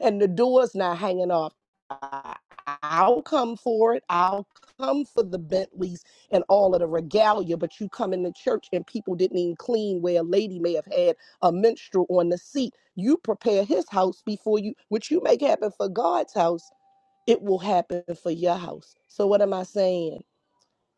[SPEAKER 6] and the door's not hanging off. I- I'll come for it. I'll come for the Bentleys and all of the regalia, but you come in the church and people didn't even clean where a lady may have had a minstrel on the seat. You prepare his house before you, which you make happen for God's house, it will happen for your house. So, what am I saying?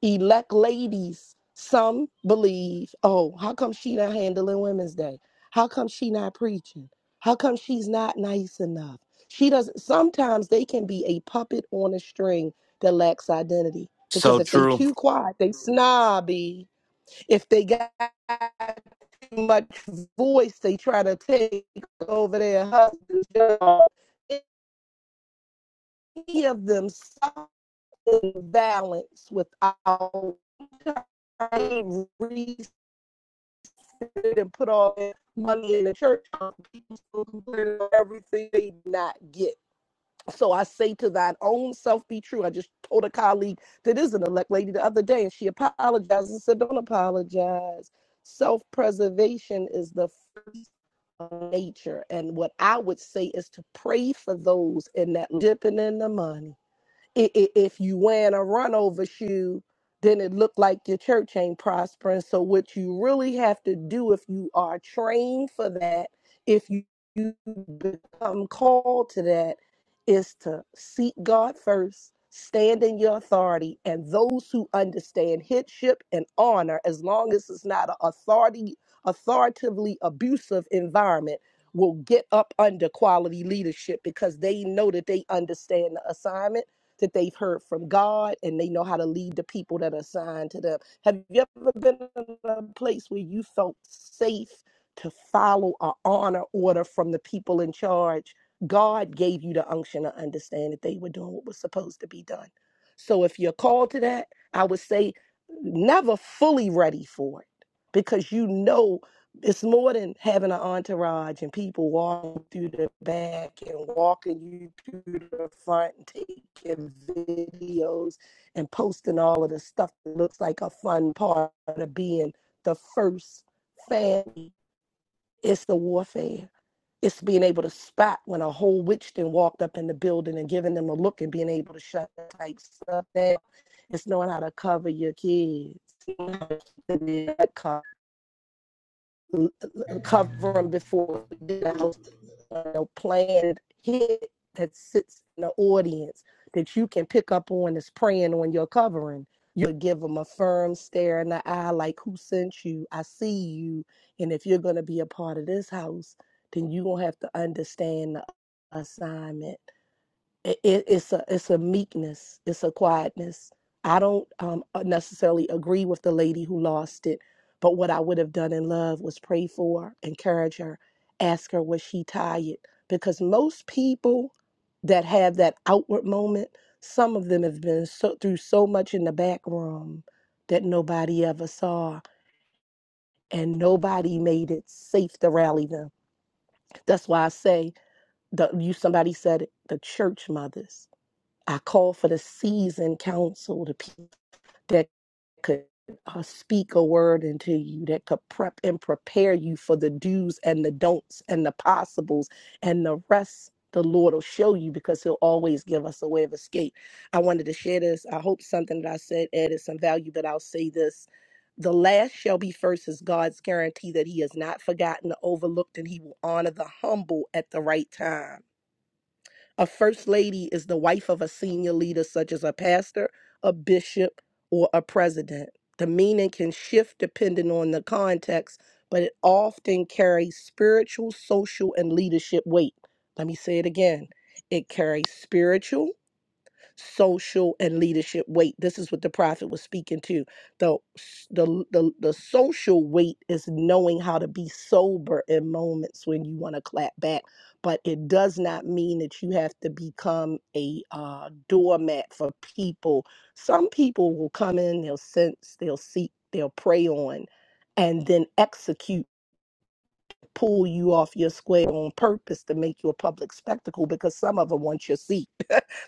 [SPEAKER 6] elect ladies some believe oh how come she not handling women's day how come she not preaching how come she's not nice enough she doesn't sometimes they can be a puppet on a string that lacks identity because
[SPEAKER 1] So
[SPEAKER 6] if they
[SPEAKER 1] true.
[SPEAKER 6] too quiet they snobby if they got too much voice they try to take over their husband's job any of them balance with our I and put all that money in the church on people still everything they did not get. So I say to thine own self be true. I just told a colleague that is an elect lady the other day, and she apologized and said, Don't apologize. Self preservation is the first of nature. And what I would say is to pray for those in that dipping in the money i- i- if you wearing a run over shoe, then it look like your church ain't prospering. So what you really have to do if you are trained for that, if you, you become called to that, is to seek God first, stand in your authority, and those who understand headship and honor, as long as it's not an authority authoritatively abusive environment, will get up under quality leadership because they know that they understand the assignment that they've heard from God and they know how to lead the people that are assigned to them. Have you ever been in a place where you felt safe to follow an honor order from the people in charge? God gave you the unction to understand that they were doing what was supposed to be done. So if you're called to that, I would say never fully ready for it because you know it's more than having an entourage and people walking through the back and walking you through the front and taking videos and posting all of the stuff that looks like a fun part of being the first family. It's the warfare. It's being able to spot when a whole witch then walked up in the building and giving them a look and being able to shut that type stuff down. It's knowing how to cover your kids. It's knowing how to keep them in that cover l- cover them before we did a house sale, planned hit that sits in the audience that you can pick up on is praying on your covering. You'll give them a firm stare in the eye, like, Who sent you? I see you. And if you're going to be a part of this house, then you're going to have to understand the assignment it, it- it's a it's a meekness it's a quietness i don't um, uh, necessarily agree with the lady who lost it but what i would have done in love was pray for her, encourage her ask her was she tired because most people that have that outward moment some of them have been so, through so much in the back room that nobody ever saw and nobody made it safe to rally them that's why i say the, you somebody said it, the church mothers I call for the seasoned counsel, the people that could uh, speak a word into you, that could prep and prepare you for the do's and the don'ts and the possibles and the rest. The Lord will show you because He'll always give us a way of escape. I wanted to share this. I hope something that I said added some value, but I'll say this. The last shall be first is God's guarantee that He has not forgotten the overlooked and He will honor the humble at the right time. A first lady is the wife of a senior leader, such as a pastor, a bishop, or a president. The meaning can shift depending on the context, but it often carries spiritual, social, and leadership weight. Let me say it again it carries spiritual, social and leadership weight. This is what the prophet was speaking to. The, the, the, the social weight is knowing how to be sober in moments when you want to clap back, but it does not mean that you have to become a uh, doormat for people. Some people will come in, they'll sense, they'll seek, they'll prey on, and then execute. Pull you off your square on purpose to make you a public spectacle because some of them want your seat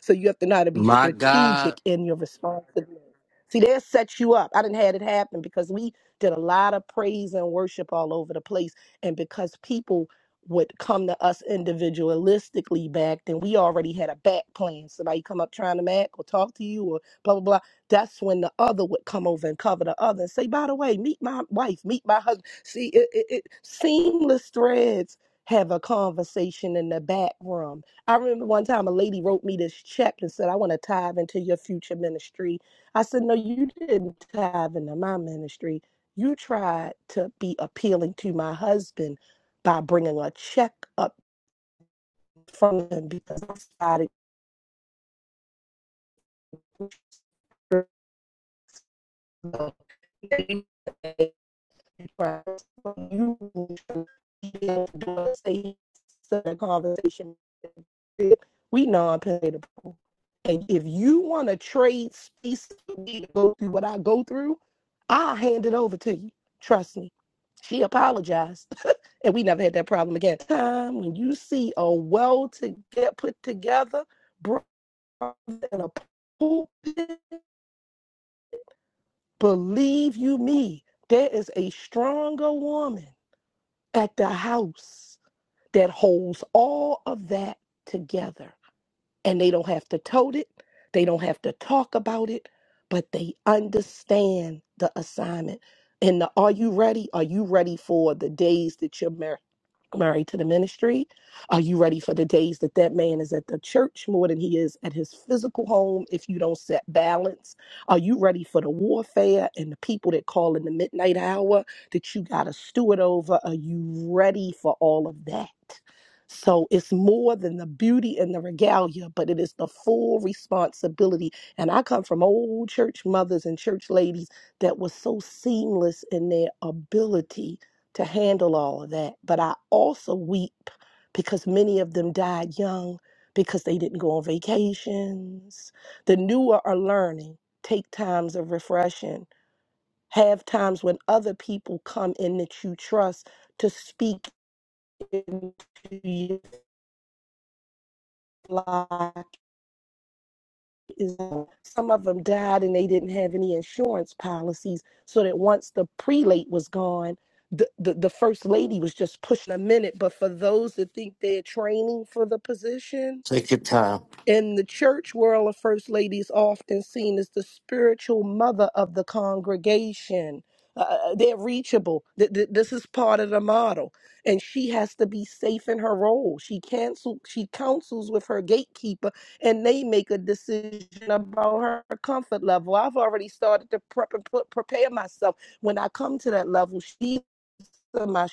[SPEAKER 6] so you have to know how to be
[SPEAKER 1] My God,
[SPEAKER 6] strategic in your responsibility. See, they set you up. I didn't had it happen because we did a lot of praise and worship all over the place. And because people would come to us individualistically back, then we already had a back plan. Somebody come up trying to mac or talk to you or blah blah blah. That's when the other would come over and cover the other and say, by the way, meet my wife, meet my husband. See, it, it, it seamless threads have a conversation in the back room I remember one time a lady wrote me this check and said, I want to tithe into your future ministry. I said, No, you didn't tithe into my ministry. You tried to be appealing to my husband by bringing a check up from him because I started right? You don't say the conversation. We non-political, and if you want to trade space for me to go through what I go through, I'll hand it over to you. Trust me. She apologized, <laughs> and we never had that problem again. Time when you see a well to get put together, brother in a pulpit, believe you me, there is a stronger woman at the house that holds all of that together. And they don't have to tote it, they don't have to talk about it, but they understand the assignment. And the, are you ready? Are you ready for the days that you're married? Married to the ministry. Are you ready for the days that that man is at the church more than he is at his physical home if you don't set balance? Are you ready for the warfare and the people that call in the midnight hour that you got to steward over? Are you ready for all of that? So it's more than the beauty and the regalia, but it is the full responsibility. And I come from old church mothers and church ladies that were so seamless in their ability to handle all of that. But I also weep because many of them died young because they didn't go on vacations. The newer are learning, take times of refreshing, have times when other people come in that you trust to speak into your life is uh, some of them died and they didn't have any insurance policies so that once the prelate was gone the, the, the first lady was just pushing a minute but for those that think they're training for the position
[SPEAKER 1] Take your time.
[SPEAKER 6] in the church world, a first lady is often seen as the spiritual mother of the congregation. Uh, uh, uh, they're reachable. Th- th- this is part of the model, and she has to be safe in her role. She cancel. She counsels with her gatekeeper, and they make a decision about her comfort level. I've already started to prep and put, prepare myself when I come to that level. She's my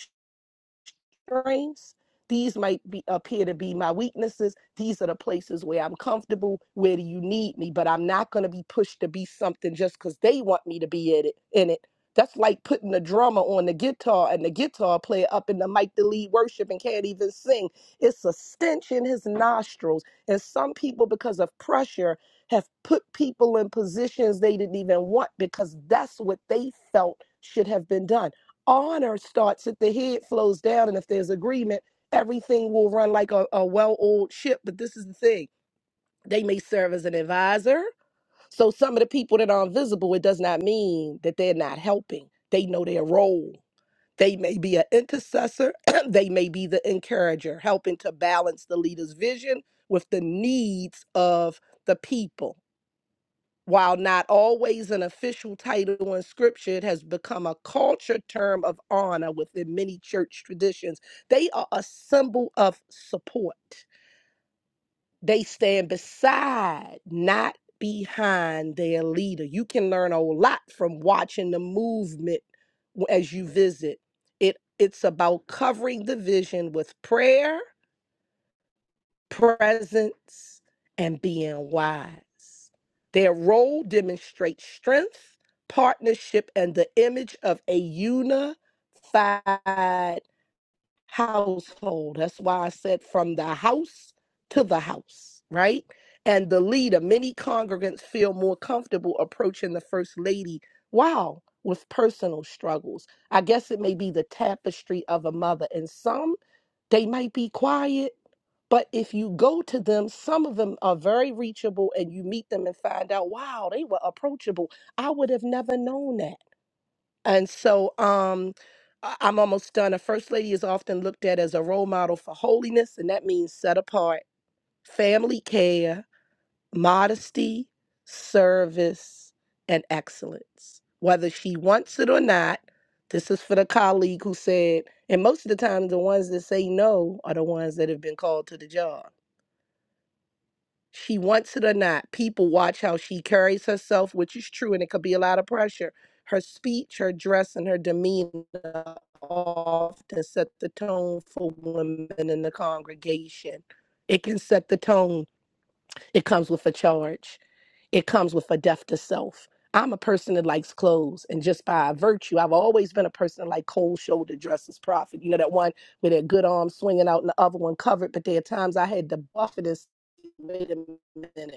[SPEAKER 6] strengths. These might be appear to be my weaknesses. These are the places where I'm comfortable. Where do you need me? But I'm not going to be pushed to be something just because they want me to be in it. In it. That's like putting the drummer on the guitar and the guitar player up in the mic to lead worship and can't even sing. It's a stench in his nostrils. And some people, because of pressure, have put people in positions they didn't even want because that's what they felt should have been done honor starts at the head, flows down, and if there's agreement, everything will run like a, a well oiled ship. But this is the thing they may serve as an advisor. So some of the people that are invisible, it does not mean that they're not helping. They know their role. They may be an intercessor, <clears throat> they may be the encourager, helping to balance the leader's vision with the needs of the people. While not always an official title in scripture, it has become a culture term of honor within many church traditions. They are a symbol of support. They stand beside, not behind their leader. You can learn a lot from watching the movement w- as you visit. It it's about covering the vision with prayer presence, and being wise. Their role demonstrates strength, partnership, and the image of a unified household. That's why I said from the house to the house, right? And the leader, many congregants feel more comfortable approaching the first lady. Wow, with personal struggles. I guess it may be the tapestry of a mother. And some, they might be quiet, but if you go to them, some of them are very reachable and you meet them and find out, wow, they were approachable. I would have never known that. And so um I- I'm almost done. A first lady is often looked at as a role model for holiness, and that means set apart, family care, modesty, service, and excellence. Whether she wants it or not, this is for the colleague who said, and most of the time, the ones that say no are the ones that have been called to the job she wants it or not. People watch how she carries herself, which is true, and it could be a lot of pressure. Her speech, her dress, and her demeanor often set the tone for women in the congregation. It can set the tone it comes with a charge. It comes with a death to self. I'm a person that likes clothes, and just by virtue, I've always been a person that like cold shoulder dresses. Profit, you know that one with that good arm swinging out, and the other one covered. But there are times I had to buffet this. Wait a minute,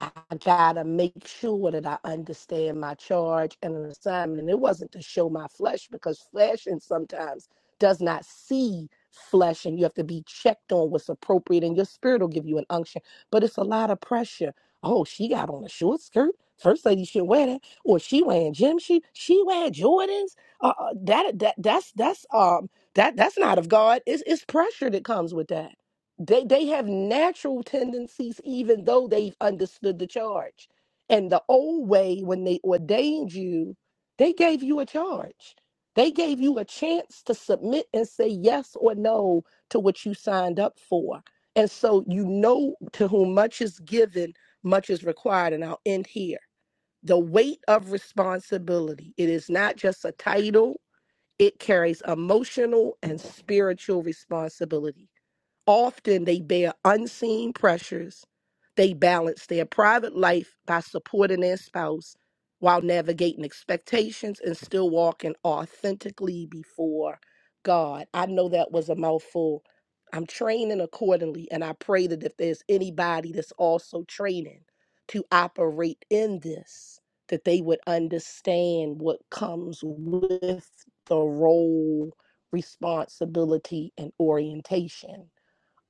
[SPEAKER 6] I gotta make sure that I understand my charge and an assignment. And it wasn't to show my flesh because flesh and sometimes does not see flesh, and you have to be checked on what's appropriate, and your spirit will give you an unction. But it's a lot of pressure. Oh, she got on a short skirt. First lady should wear that, or she wearing gym shoes. She wearing Jordans. Uh, uh, that that that's that's um that that's not of God. It's it's pressure that comes with that they they have natural tendencies even though they've understood the charge and the old way when they ordained you they gave you a charge they gave you a chance to submit and say yes or no to what you signed up for and so you know to whom much is given much is required and i'll end here the weight of responsibility it is not just a title it carries emotional and spiritual responsibility Often they bear unseen pressures. They balance their private life by supporting their spouse while navigating expectations and still walking authentically before God. I know that was a mouthful. I'm training accordingly, and I pray that if there's anybody that's also training to operate in this, that they would understand what comes with the role, responsibility, and orientation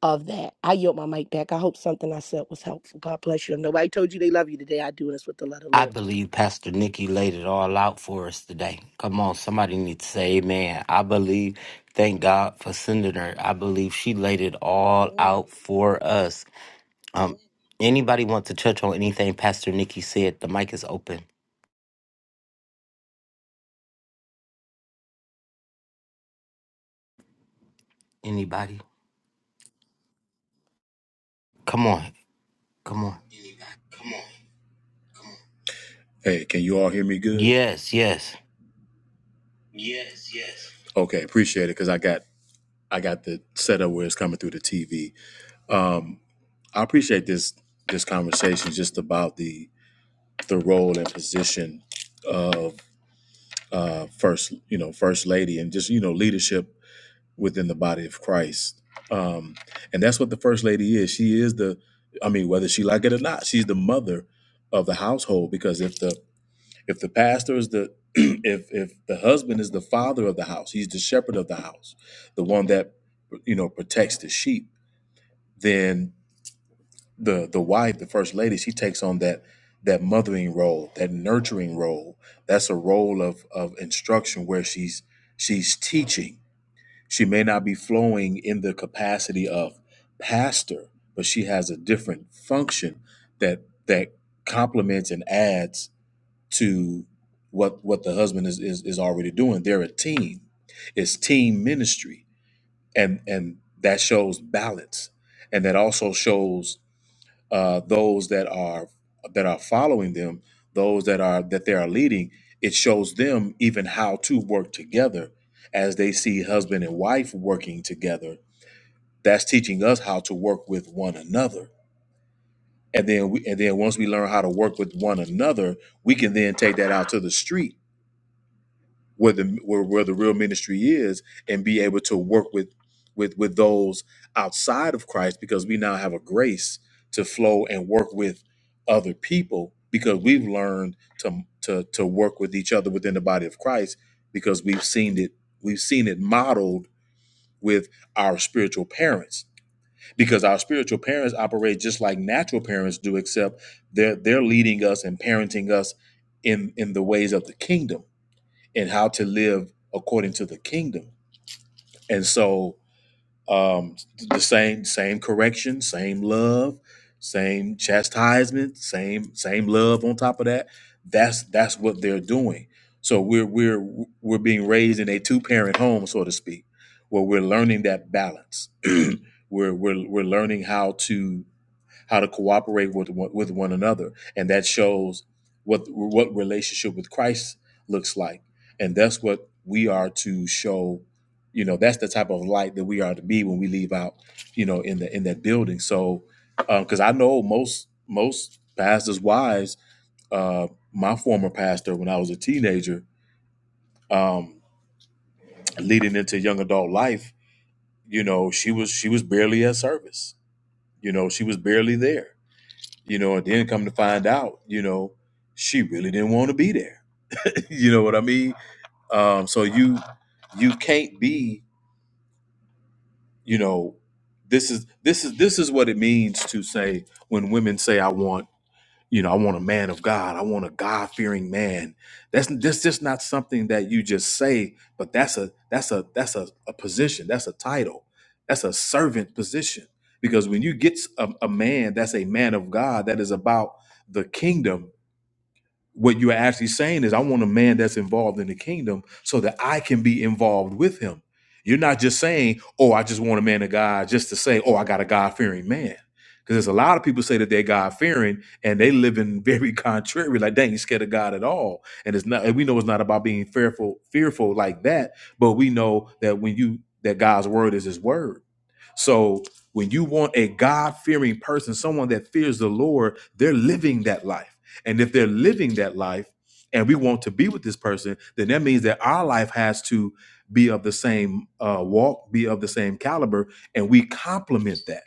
[SPEAKER 6] of that. I yield my mic back. I hope something I said was helpful. God bless you. If nobody told you they love you today, I do this with the love of the
[SPEAKER 1] I
[SPEAKER 6] Lord.
[SPEAKER 1] believe Pastor Nikki laid it all out for us today. Come on, somebody needs to say amen. I believe, thank God for sending her. I believe she laid it all
[SPEAKER 2] Amen.
[SPEAKER 1] out for us. Um, anybody want to touch on anything Pastor Nikki said? The mic is open. Anybody? Come on, come on.
[SPEAKER 7] Hey, can you all hear me good?
[SPEAKER 1] Yes, yes.
[SPEAKER 7] Okay, appreciate it because I got I got the setup where it's coming through the TV. Um, I appreciate this this conversation just about the the role and position of uh, first you know first lady and just you know leadership within the body of Christ. Um, and that's what the first lady is. She is the I mean, whether she like it or not, she's the mother of the household because if the If the pastor is the <clears throat> if if the husband is the father of the house, he's the shepherd of the house, the one that you know protects the sheep, then the the wife, the first lady, she takes on that that mothering role, that nurturing role. That's a role of of instruction where she's she's teaching. She may not be flowing in the capacity of pastor, but she has a different function that that complements and adds to what what the husband is is, is already doing. They're a team. It's team ministry, and and that shows balance, and that also shows uh, those that are that are following them, those that are that they are leading. It shows them even how to work together as they see husband and wife working together. That's teaching us how to work with one another. And then we, and then once we learn how to work with one another, we can then take that out to the street where the where, where the real ministry is and be able to work with with with those outside of Christ because we now have a grace to flow and work with other people because we've learned to to to work with each other within the body of Christ because we've seen it we've seen it modeled with our spiritual parents because our spiritual parents operate just like natural parents do except they're they're leading us and parenting us in in the ways of the kingdom and how to live according to the kingdom. And so um the same same correction, same love, same chastisement, same same love on top of that. That's that's what they're doing. So we're we're we're being raised in a two-parent home, so to speak, where we're learning that balance. <clears throat> we're we're we're learning how to how to cooperate with one, with one another, and that shows what what relationship with Christ looks like, and that's what we are to show. You know, that's the type of light that we are to be when we leave out. You know, in the in that building. So, because I know most most pastors' wives, uh, my former pastor when I was a teenager, um, leading into young adult life, you know, she was she was barely at service. You know, she was barely there you know, and then come to find out, you know, she really didn't want to be there. <laughs> you know what I mean? Um, so you you can't be, you know, this is this is this is what it means to say when women say I want, you know, I want a man of God, I want a God fearing man. That's that's just not something that you just say, but that's a that's a that's a, a position, that's a title, that's a servant position. Because when you get a, a man that's a man of God, that is about the kingdom what you're actually saying is i want a man that's involved in the kingdom so that i can be involved with him you're not just saying oh i just want a man of god just to say oh i got a god-fearing man because there's a lot of people say that they're god-fearing and they live in very <laughs> contrary like they ain't scared of god at all and it's not and we know it's not about being fearful fearful like that but we know that when you that god's word is his word so when you want a God fearing person, someone that fears the Lord, they're living that life. And if they're living that life and we want to be with this person, then that means that our life has to be of the same uh, walk, be of the same caliber, and we complement that.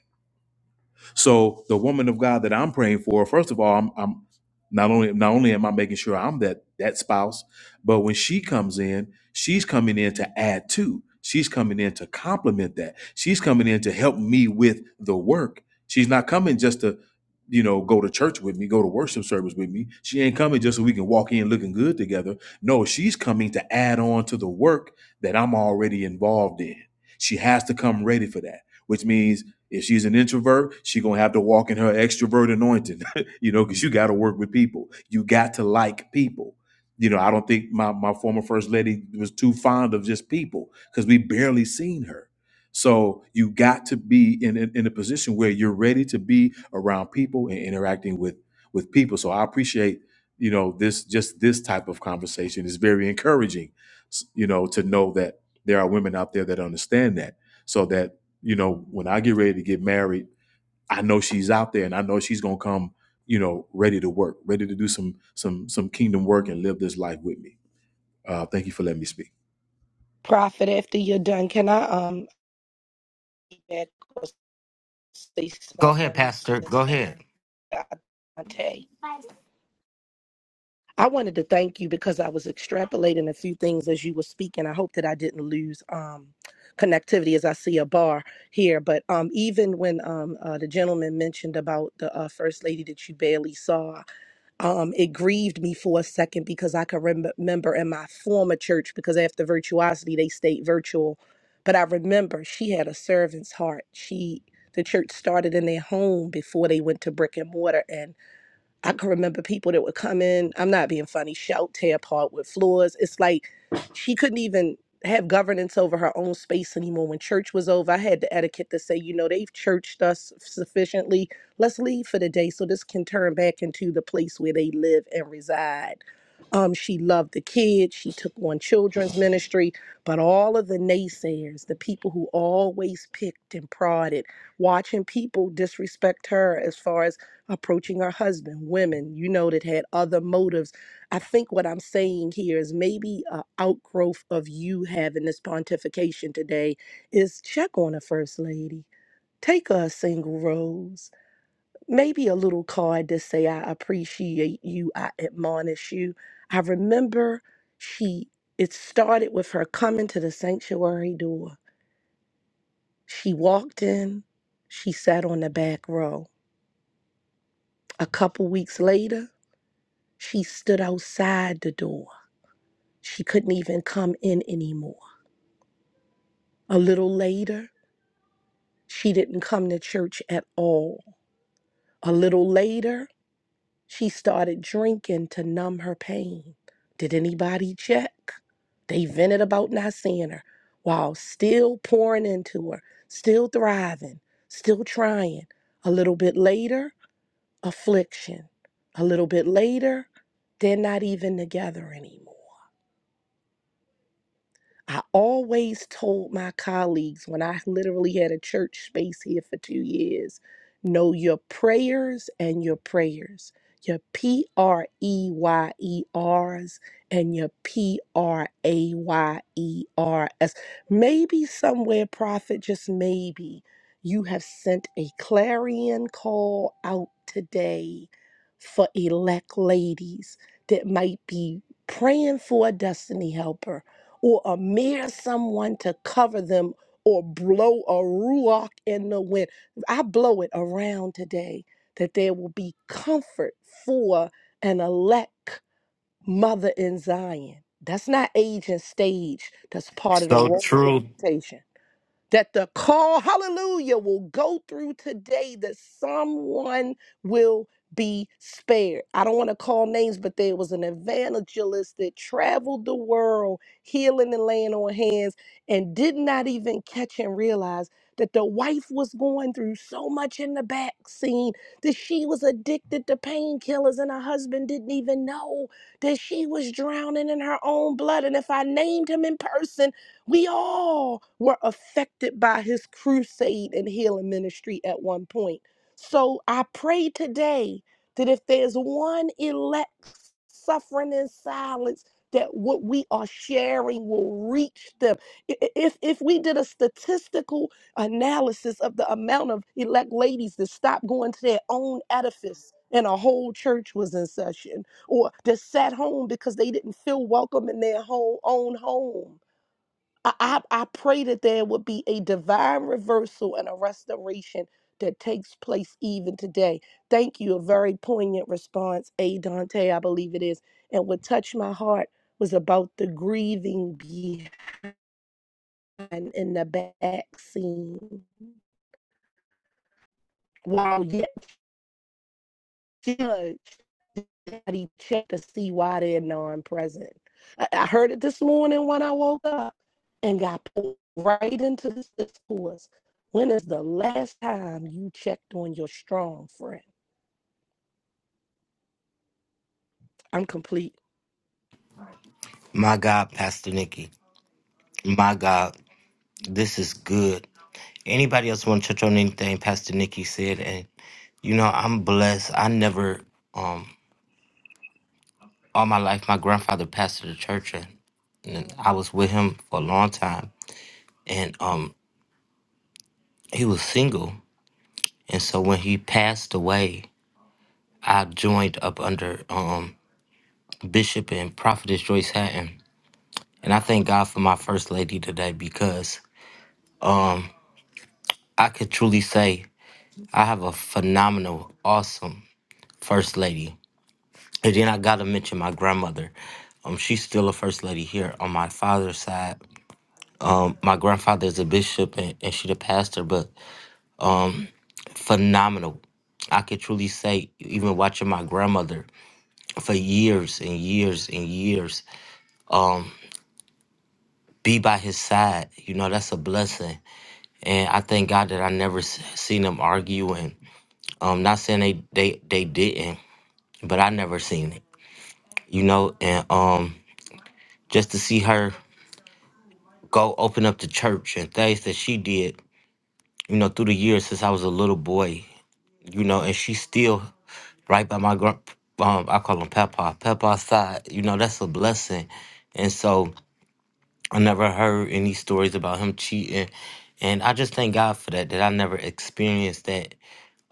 [SPEAKER 7] So the woman of God that I'm praying for, first of all, I'm, I'm not only not only am I making sure I'm that that spouse, but when she comes in, she's coming in to add to. She's coming in to complement that. She's coming in to help me with the work. She's not coming just to, you know, go to church with me, go to worship service with me. She ain't coming just so we can walk in looking good together. No, she's coming to add on to the work that I'm already involved in. She has to come ready for that, which means if she's an introvert, she gonna have to walk in her extrovert anointing, <laughs> you know, because you got to work with people. You got to like people. You know, I don't think my my former first lady was too fond of just people because we barely seen her. So you got to be in, in in a position where you're ready to be around people and interacting with with people. So I appreciate you know this just this type of conversation is very encouraging. s- You know, to know that there are women out there that understand that, so that you know, when I get ready to get married, I know she's out there and I know she's gonna come, you know, ready to work, ready to do some some some kingdom work and live this life with me. Uh, thank you for letting me speak.
[SPEAKER 6] Prophet, after you're done, can I um back or say
[SPEAKER 1] Go ahead,
[SPEAKER 6] something
[SPEAKER 1] Pastor. Go ahead.
[SPEAKER 6] back to Dante? I wanted to thank you because I was extrapolating a few things as you were speaking. I hope that I didn't lose um connectivity as I see a bar here. But um even when um uh, the gentleman mentioned about the uh, first lady that you barely saw, um, it grieved me for a second because I could rem- remember in my former church, because after virtuosity, they stayed virtual. But I remember she had a servant's heart. She, the church started in their home before they went to brick and mortar. and. I can remember people that would come in, I'm not being funny, shout, tear apart with floors. It's like she couldn't even have governance over her own space anymore. When church was over, I had the etiquette to say, you know, they've churched us sufficiently. Let's leave for the day so this can turn back into the place where they live and reside. Um, she loved the kids. She took on children's ministry, but all of the naysayers, the people who always picked and prodded, watching people disrespect her as far as approaching her husband, women, you know, that had other motives. I think what I'm saying here is maybe an outgrowth of you having this pontification today is check on a first lady. Take her a single rose, maybe a little card to say, I appreciate you, I admonish you. I remember she, it started with her coming to the sanctuary door. She walked in, she sat on the back row. A couple weeks later, She stood outside the door. She couldn't even come in anymore. A little later, she didn't come to church at all. A little later, she started drinking to numb her pain. Did anybody check? They vented about not seeing her while still pouring into her, still thriving, still trying. A little bit later, affliction. A little bit later, they're not even together anymore. I always told my colleagues when I literally had a church space here for two years know your prayers and your prayers, your P R E Y E R's and your P R A Y E R S. Maybe somewhere, prophet, just maybe you have sent a clarion call out today for elect ladies that might be praying for a destiny helper or a mere someone to cover them or blow a ruach in the wind. I blow it around today that there will be comfort for an elect mother in Zion. That's not age and stage. That's part of the
[SPEAKER 1] So
[SPEAKER 6] wrong
[SPEAKER 1] true.
[SPEAKER 6] invitation that the call, hallelujah, will go through today that someone will be spared. I don't want to call names, but there was an evangelist that traveled the world healing and laying on hands and did not even catch and realize that the wife was going through so much in the back scene that she was addicted to painkillers and her husband didn't even know that she was drowning in her own blood and if I named him in person we all were affected by his crusade and healing ministry at one point. So I pray today that if there's one elect suffering in silence, that what we are sharing will reach them. I- i- If if we did a statistical analysis of the amount of elect ladies that stopped going to their own edifice and a whole church was in session, or that sat home because they didn't feel welcome in their home, own home I, I, I pray that there would be a divine reversal and a restoration that takes place even today. Thank you. A very poignant response, A. Dante, I believe it is. And what touched my heart was about the grieving behind in the back scene. While yet judged. body check to see why they're non-present. I, I heard it this morning when I woke up and got pulled right into this discourse. When is the last time you checked on your strong friend? I'm complete.
[SPEAKER 1] My God, Pastor Nikki. My God. This is good. Anybody else want to touch on anything Pastor Nikki said? And you know, I'm blessed. I never, um, all my life, my grandfather pastored the church, and, and I was with him for a long time. And um, he was single, and so when he passed away, I joined up under um Bishop and Prophetess Joyce Hatton. And I thank God for my first lady today because I could truly say I have a phenomenal, awesome first lady And then I gotta mention my grandmother. Um, she's still a first lady here on my father's side. Um, my grandfather is a bishop and, and she the pastor, but phenomenal. I could truly say, even watching my grandmother for years and years and years be by his side, you know, that's a blessing. And I thank God that I never s- seen them argue and um, not saying they, they, they didn't, but I never seen it, you know, and um, just to see her go open up the church and things that she did you know, through the years since I was a little boy, you know, and she's still right by my grand, um, I call him Papa, Papa's side, you know, that's a blessing. And so I never heard any stories about him cheating. And I just thank God for that, that I never experienced that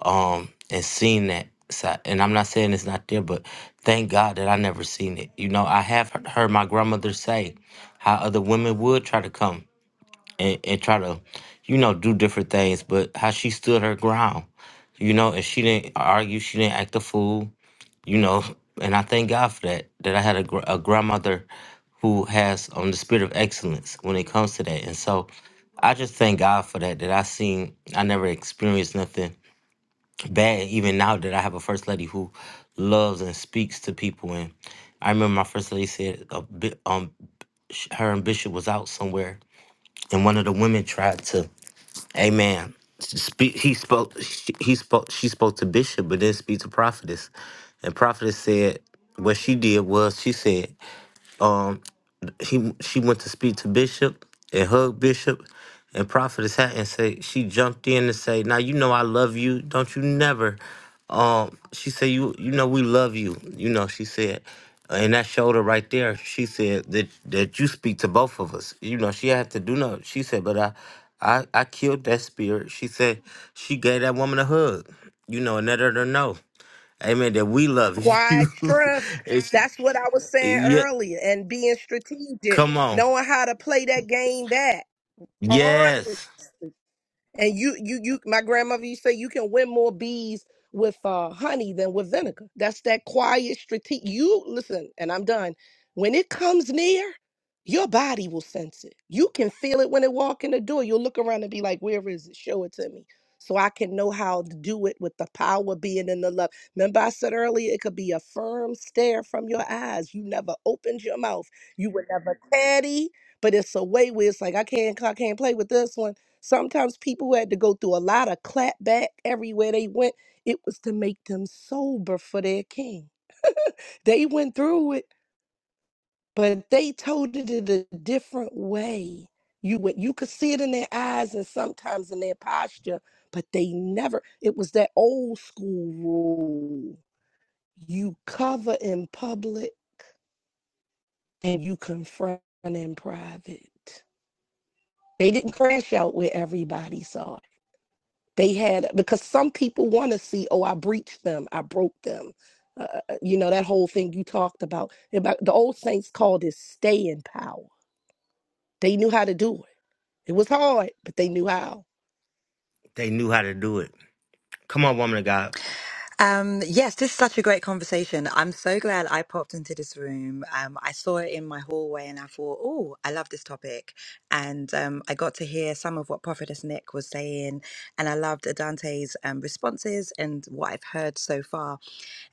[SPEAKER 1] um, and seen that. side. And I'm not saying it's not there, but thank God that I never seen it. You know, I have he- heard my grandmother say how other women would try to come and, and try to, you know, do different things, but how she stood her ground, you know, and she didn't argue, she didn't act a fool, you know, <laughs> and I thank God for that, that I had a, gr- a grandmother who has um, the spirit of excellence when it comes to that. And so I just thank God for that, that I seen, I never experienced nothing bad, even now that I have a first lady who loves and speaks to people. And I remember my first lady said, a bit, um, sh- her and Bishop was out somewhere, and one of the women tried to Amen. Spe- He spoke. She, he spoke. She spoke to bishop, but didn't speak to prophetess. And prophetess said what she did was she said he she went to speak to Bishop and hug Bishop and Prophetess Hat and say she jumped in and say, Now you know I love you. Don't you never um she said you you know we love you, you know, she said. And that shoulder right there, she said that that you speak to both of us. You know, she had to do no. She said, but I I I killed that spirit. She said she gave that woman a hug, you know, and let her know. Amen. That we love you.
[SPEAKER 6] Quiet
[SPEAKER 1] <laughs>
[SPEAKER 6] strength.
[SPEAKER 1] it's,
[SPEAKER 6] That's what I was saying
[SPEAKER 1] yeah.
[SPEAKER 6] earlier. And being strategic,
[SPEAKER 1] Come on.
[SPEAKER 6] knowing how to play that game back.
[SPEAKER 1] Yes.
[SPEAKER 6] Honestly. And you, you, you, my grandmother used to say you can win more bees with uh, honey than with vinegar. That's that quiet strategic. You listen, and I'm done. When it comes near, your body will sense it. You can feel it when it walk in the door. You'll look around and be like, "Where is it? Show it to me." So I can know how to do it with the power being in the love. Remember, I said earlier, it could be a firm stare from your eyes. You never opened your mouth. You were never petty, but it's a way where it's like I can't, I can't play with this one. Sometimes people had to go through a lot of clapback everywhere they went. It was to make them sober for their king. They went through it, but they told it in a different way. You would you could see it in their eyes and sometimes in their posture, but they never. It was that old school rule: you cover in public and you confront in private. They didn't crash out where everybody saw it. they had because some people want to see oh i breached them i broke them uh, uh, uh, you know that whole thing you talked about about the old saints called it staying power they knew how to do it it was hard but they knew how
[SPEAKER 1] They knew how to do it. Come on, woman of God.
[SPEAKER 8] Um, yes, this is such a great conversation. I'm so glad I popped into this room. Um, I saw it in my hallway and I thought, oh, I love this topic. And um, I got to hear some of what Prophetess Nick was saying, and I loved Adante's um, responses and what I've heard so far.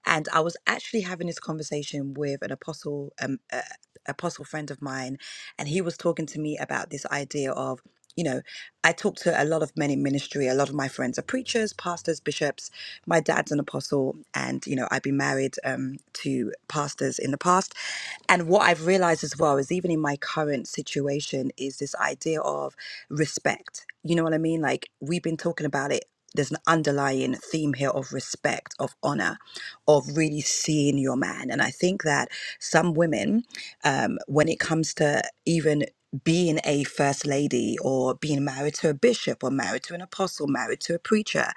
[SPEAKER 8] And I was actually having this conversation with an apostle, um, uh, apostle friend of mine, and he was talking to me about this idea of, you know, I talk to a lot of men in ministry. A lot of my friends are preachers, pastors, bishops, my dad's an apostle, and you know, I've been married um, to pastors in the past. And what I've realized as well is even in my current situation is this idea of respect. You know what I mean? Like we've been talking about it. There's an underlying theme here of respect, of honor, of really seeing your man. And I think that some women, um, when it comes to even being a first lady or being married to a bishop or married to an apostle, married to a preacher,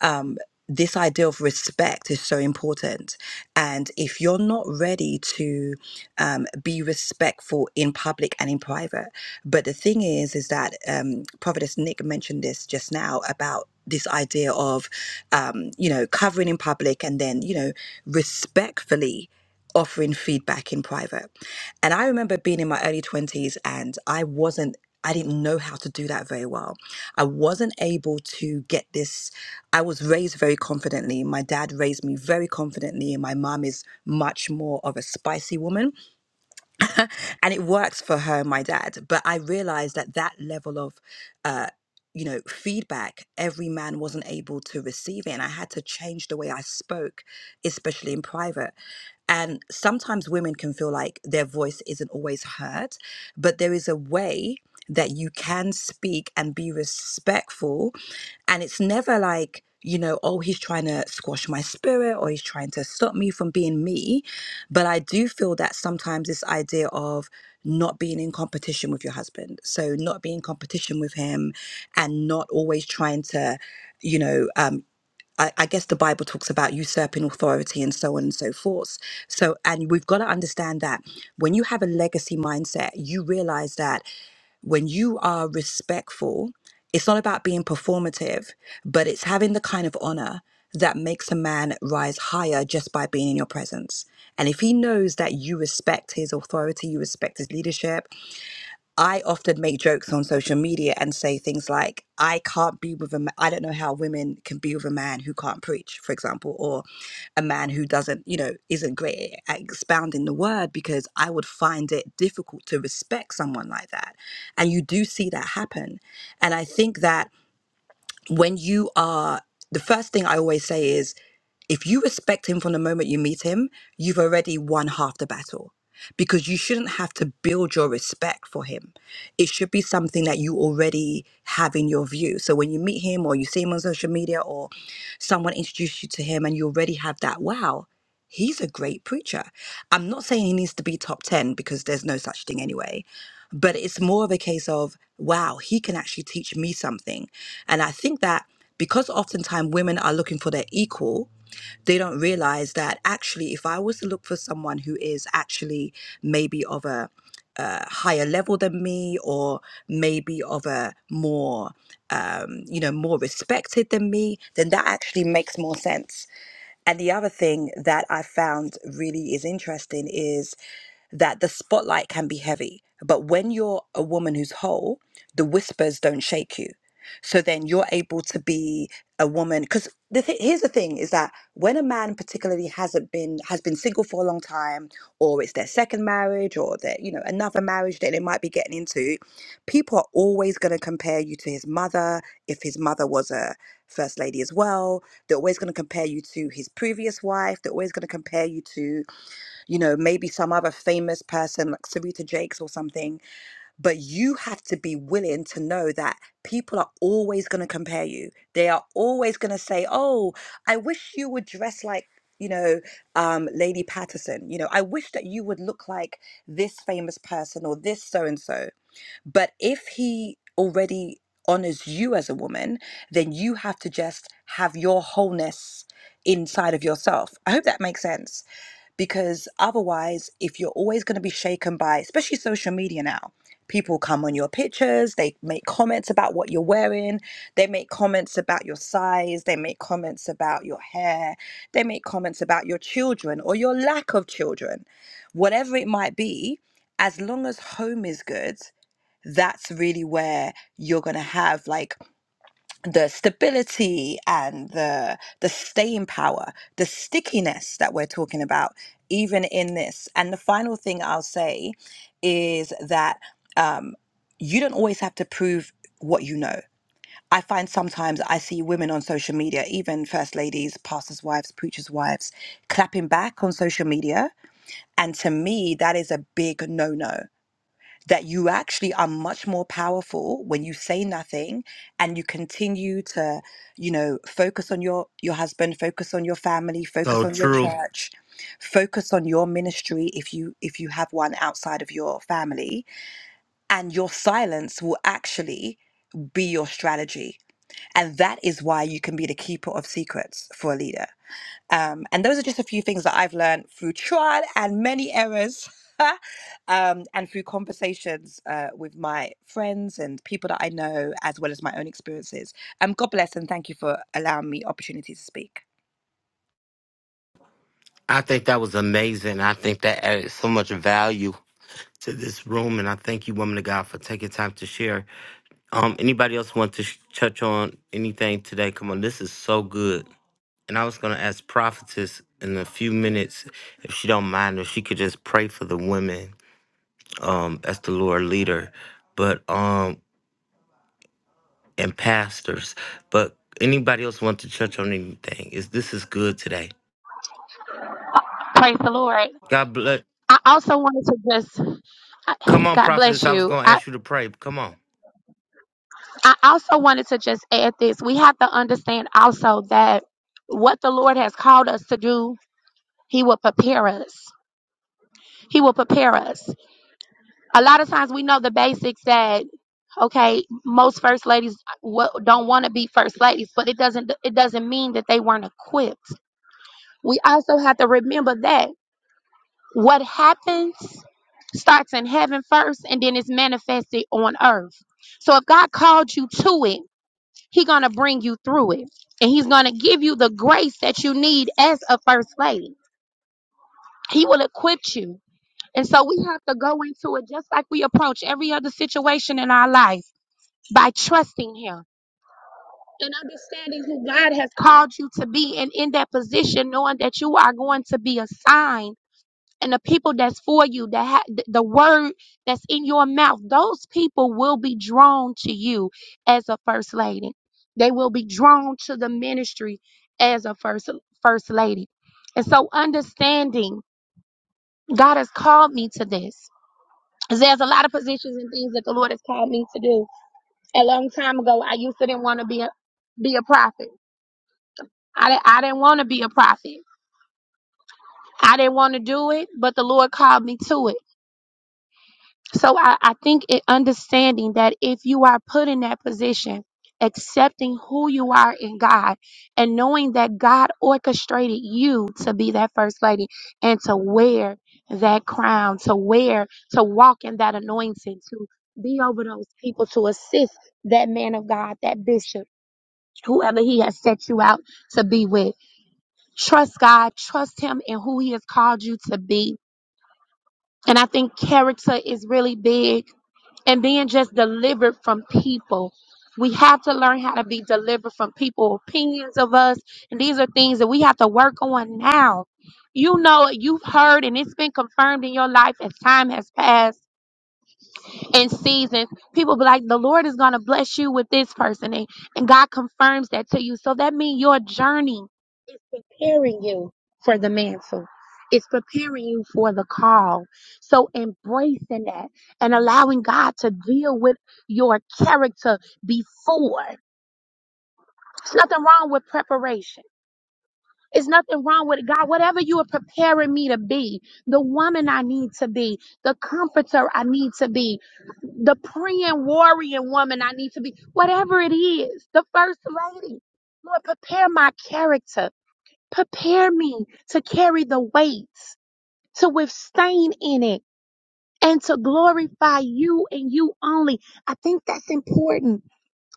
[SPEAKER 8] um, this idea of respect is so important. And if you're not ready to um, be respectful in public and in private, but the thing is, is that um, Prophetess Nick mentioned this just now about this idea of, um, you know, covering in public and then, you know, respectfully offering feedback in private. And I remember being in my early 20s and I wasn't, I didn't know how to do that very well. I wasn't able to get this. I was raised very confidently. My dad raised me very confidently, and my mom is much more of a spicy woman and it works for her and my dad but i realized that that level of uh you know feedback every man wasn't able to receive it and i had to change the way i spoke especially in private and sometimes women can feel like their voice isn't always heard but there is a way that you can speak and be respectful and it's never like you know oh he's trying to squash my spirit or he's trying to stop me from being me but I do feel that sometimes this idea of not being in competition with your husband, so not being in competition with him and not always trying to, you know, um, I, I guess the Bible talks about usurping authority and so on and so forth. So, and we've got to understand that when you have a legacy mindset, you realize that when you are respectful, it's not about being performative, but it's having the kind of honor that makes a man rise higher just by being in your presence. And if he knows that you respect his authority, you respect his leadership, I often make jokes on social media and say things like, I can't be with a man, I don't know how women can be with a man who can't preach, for example, or a man who doesn't, you know, isn't great at expounding the word because I would find it difficult to respect someone like that. And you do see that happen. And I think that when you are the first thing I always say is if you respect him from the moment you meet him, you've already won half the battle because you shouldn't have to build your respect for him. It should be something that you already have in your view. So when you meet him or you see him on social media or someone introduced you to him and you already have that, wow, he's a great preacher. I'm not saying he needs to be top 10 because there's no such thing anyway but it's more of a case of wow he can actually teach me something and i think that because oftentimes women are looking for their equal they don't realize that actually if i was to look for someone who is actually maybe of a, uh higher level than me or maybe of a more um, you know more respected than me then that actually makes more sense and the other thing that i found really is interesting is that the spotlight can be heavy. But when you're a woman who's whole, the whispers don't shake you. So then you're able to be a woman. Because the th- here's the thing is that when a man particularly hasn't been has been single for a long time, or it's their second marriage, or their you know another marriage that they might be getting into, people are always going to compare you to his mother. If his mother was a first lady as well, they're always going to compare you to his previous wife. They're always going to compare you to you know, maybe some other famous person like Sarita Jakes or something, but you have to be willing to know that people are always going to compare you. They are always going to say, "Oh, I wish you would dress like." You know, um, Lady Patterson, you know, I wish that you would look like this famous person or this so and so. But if he already honors you as a woman, then you have to just have your wholeness inside of yourself. I hope that makes sense because otherwise if you're always going to be shaken by especially social media now people come on your pictures they make comments about what you're wearing they make comments about your size they make comments about your hair they make comments about your children or your lack of children whatever it might be as long as home is good that's really where you're going to have like the stability and the the staying power, the stickiness that we're talking about, even in this. And the final thing I'll say is that um, you don't always have to prove what you know. I find sometimes I see women on social media, even first ladies, pastors' wives, preachers' wives, clapping back on social media. And to me, that is a big no no that you actually are much more powerful when you say nothing and you continue to you know focus on your your husband focus on your family focus
[SPEAKER 1] So
[SPEAKER 8] on your Mhm.
[SPEAKER 1] true.
[SPEAKER 8] church focus on your ministry if you if you have one outside of your family and your silence will actually be your strategy and that is why you can be the keeper of secrets for a leader um, and those are just a few things that I've learned through trial and many errors <laughs> um, and through conversations uh, with my friends and people that I know, as well as my own experiences. Um, God bless and thank you for allowing me opportunity to speak.
[SPEAKER 1] I think that was amazing. I think that added so much value to this room, and I thank you, woman of God, for taking time to share. Um, anybody else want to sh- touch on anything today? Come on, this is so good. And I was gonna ask prophetess in a few minutes if she don't mind if she could just pray for the women um, as the Lord leader, but um, and pastors. But anybody else want to touch on anything? Is this is good today?
[SPEAKER 9] Praise the Lord.
[SPEAKER 1] God bless.
[SPEAKER 9] I also wanted to just,
[SPEAKER 1] Come
[SPEAKER 9] I-
[SPEAKER 1] on,
[SPEAKER 9] God bless
[SPEAKER 1] prophetess. I was
[SPEAKER 9] you.
[SPEAKER 1] going to
[SPEAKER 9] I,
[SPEAKER 1] ask you to pray. Come on.
[SPEAKER 9] I also wanted to just add this. We have to understand also that what the Lord has called us to do, He will prepare us. He will prepare us. A lot of times we know the basics that, okay, most first ladies wa- don't want to be first ladies, but it doesn't, it doesn't mean that they weren't equipped. We also have to remember that. What happens starts in heaven first and then it's manifested on earth. So if God called you to it, He's gonna bring you through it. And he's gonna give you the grace that you need as a first lady. He will equip you. And so we have to go into it just like we approach every other situation in our life by trusting him and understanding who God has called you to be and in that position, knowing that you are going to be assigned and the people that's for you, that ha- th- the word that's in your mouth, those people will be drawn to you as a first lady. They will be drawn to the ministry as a first first lady. And so understanding God has called me to this. There's a lot of positions and things that the Lord has called me to do. A long time ago, I used to didn't want to be a be a prophet. I, di- I didn't want to be a prophet. I didn't want to do it, but the Lord called me to it. So I, I think it understanding that if you are put in that position, accepting who you are in God and knowing that God orchestrated you to be that first lady and to wear that crown, to wear, to walk in that anointing, to be over those people, to assist that man of God, that bishop, whoever he has set you out to be with. Trust God, trust him in who he has called you to be. And I think character is really big and being just delivered from people. We have to learn how to be delivered from people opinions of us. And these are things that we have to work on now. You know, you've heard and it's been confirmed in your life as time has passed in seasons, people be like, the Lord is going to bless you with this person. And, and God confirms that to you. So that means your journey is preparing you for the mantle. It's preparing you for the call. So embracing that and allowing God to deal with your character before. There's nothing wrong with preparation. It's nothing wrong with it. God, whatever you are preparing me to be, the woman I need to be, the comforter I need to be, the praying, warrior woman I need to be, whatever it is, the first lady. Lord, prepare my character. Prepare me to carry the weights, to withstand in it, and to glorify you and you only. I think that's important.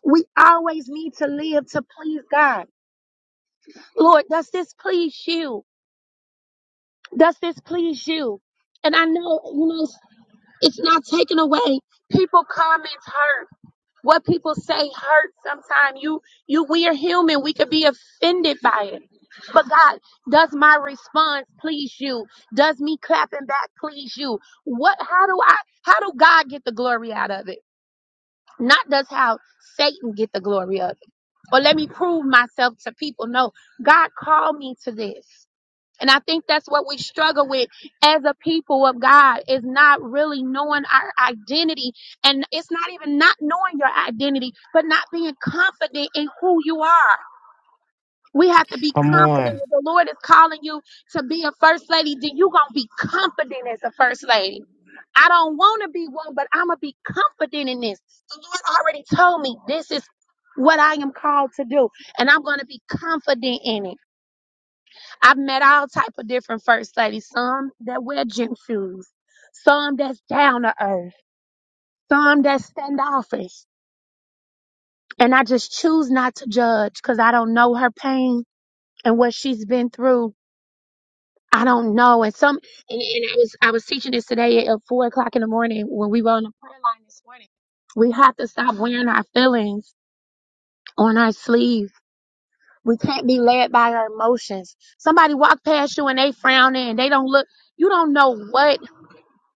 [SPEAKER 9] We always need to live to please God. Lord, does this please you? Does this please you? And I know, you know, it's it's not taken away. People comments hurt. What people say hurts sometimes. You, you, we are human. We could be offended by it. But God, does my response please you? Does me clapping back please you? What, how do I, how do God get the glory out of it? Not does how Satan get the glory of it. Or let me prove myself to people. No, God called me to this. And I think that's what we struggle with as a people of God is not really knowing our identity. And it's not even not knowing your identity, but not being confident in who you are. We have to be
[SPEAKER 1] Come on.
[SPEAKER 9] confident. If the Lord is calling you to be a first lady, then you're going to be confident as a first lady. I don't want to be one, but I'm going to be confident in this. The Lord already told me this is what I am called to do, and I'm going to be confident in it. I've met all type of different first ladies. Some that wear gym shoes, some that's down to earth, some that standoffish. And I just choose not to judge because I don't know her pain and what she's been through. I don't know. And some and, and I was I was teaching this today at four o'clock in the morning when we were on the prayer line this morning. We have to stop wearing our feelings on our sleeve. We can't be led by our emotions. Somebody walk past you and they frowning and they don't look. You don't know what.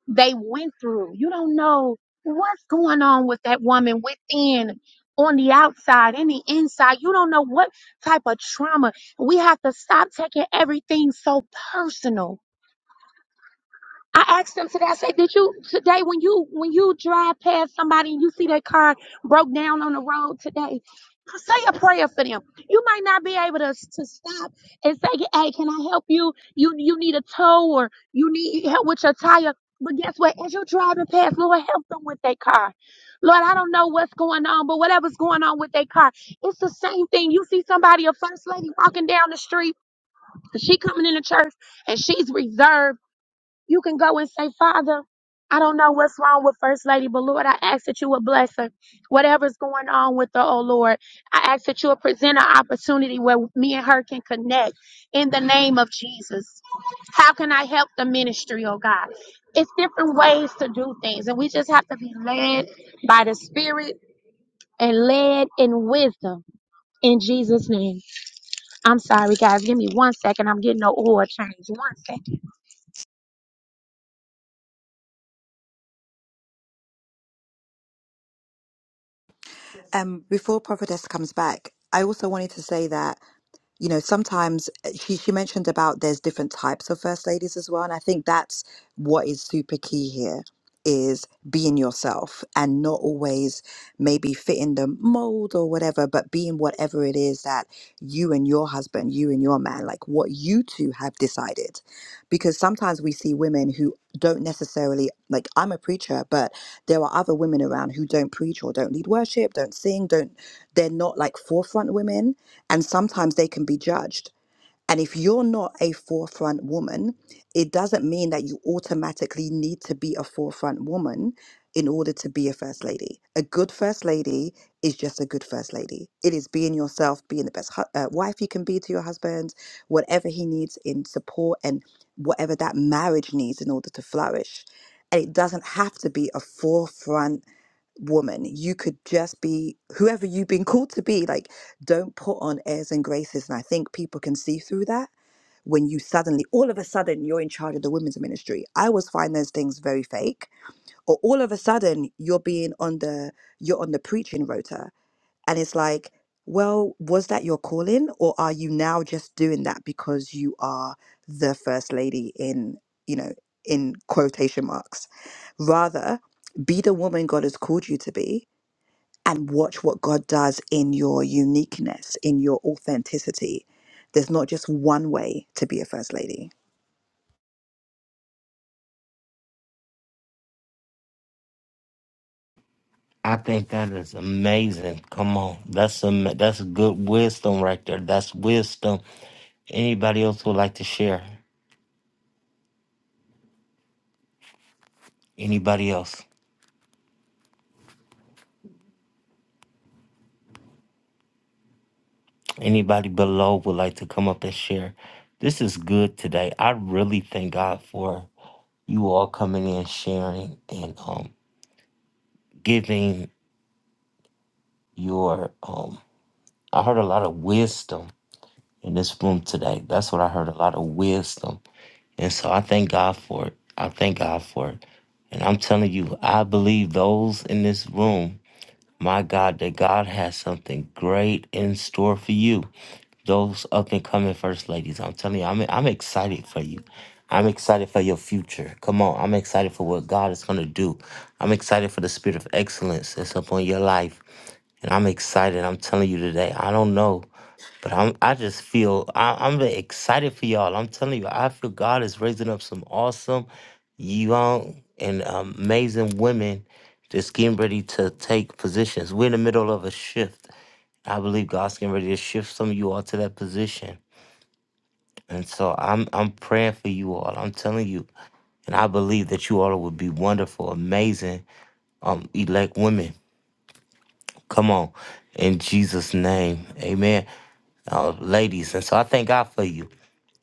[SPEAKER 9] they went through. You don't know what's going on with that woman within, on the outside, and the inside. You don't know what type of trauma. We have to stop taking everything so personal I asked them today. I said, "Did you today when you when you drive past somebody and you see their car broke down on the road today, say a prayer for them. You might not be able to to stop and say, "Hey, can I help you? You you need a tow or you need help with your tire." But guess what? As you're driving past, Lord, help them with their car. Lord, I don't know what's going on, but whatever's going on with their car, it's the same thing. You see somebody, a first lady, walking down the street. She coming into church and she's reserved you can go and say, Father, I don't know what's wrong with First Lady, but Lord, I ask that you would bless her. Whatever's going on with her, oh Lord, I ask that you would present an opportunity where me and her can connect in the name of Jesus. How can I help the ministry, oh God? It's different ways to do things, and we just have to be led by the Spirit and led in wisdom in Jesus' name. I'm sorry, guys. Give me one second. I'm getting no oil change. One second.
[SPEAKER 8] Um, before Prophetess comes back, I also wanted to say that. you know, sometimes uh, she, she mentioned about there's different types of first ladies as well. And I think that's what is super key here is being yourself and not always maybe fitting the mold or whatever, but being whatever it is that you and your husband, you and your man, like what you two have decided. Because sometimes we see women who don't necessarily, like I'm a preacher, but there are other women around who don't preach or don't lead worship, don't sing, don't, they're not like forefront women and sometimes they can be judged. And if you're not a forefront woman, it doesn't mean that you automatically need to be a forefront woman in order to be a first lady. A good first lady is just a good first lady. It is being yourself, being the best hu- uh, wife you can be to your husband, whatever he needs in support and whatever that marriage needs in order to flourish. And it doesn't have to be a forefront woman. You could just be whoever you've been <laughs> called to be. Like, don't put on airs and graces. And I think people can see through that when you suddenly, all of a sudden, you're in charge of the women's ministry. I always find those things very fake. Or all of a sudden, you're being on the you're on the preaching rota, and it's like, well, was that your calling, or are you now just doing that because you are the first lady in you know in quotation marks? Rather, be the woman God has called you to be and watch what God does in your uniqueness, in your authenticity. There's not just one way to be a first lady.
[SPEAKER 1] I think that is amazing. Come on. That's a, that's good wisdom right there. That's wisdom. Anybody else would like to share? Anybody else? Anybody below would like to come up and share? This is good today. I really thank God for you all coming in, sharing, and um, giving your. Um, I heard a lot of wisdom in this room today. That's what I heard a lot of wisdom. And so I thank God for it. I thank God for it. And I'm telling you, I believe those in this room, my God, that God has something great in store for you. Those up and coming first ladies, I'm telling you, I'm, I'm excited for you. I'm excited for your future. Come on, I'm excited for what God is going to do. I'm excited for the spirit of excellence that's upon your life and I'm excited. I'm telling you today. I don't know, but I'm. I just feel I, I'm excited for y'all. I'm telling you, I feel God is raising up some awesome, young and amazing women that's getting ready to take positions. We're in the middle of a shift. I believe God's getting ready to shift some of you all to that position. And so I'm I'm praying for you all. I'm telling you, and I believe that you all will be wonderful, amazing, um, elect women. Come on, in Jesus' name, Amen. uh, ladies. And so I thank God for you.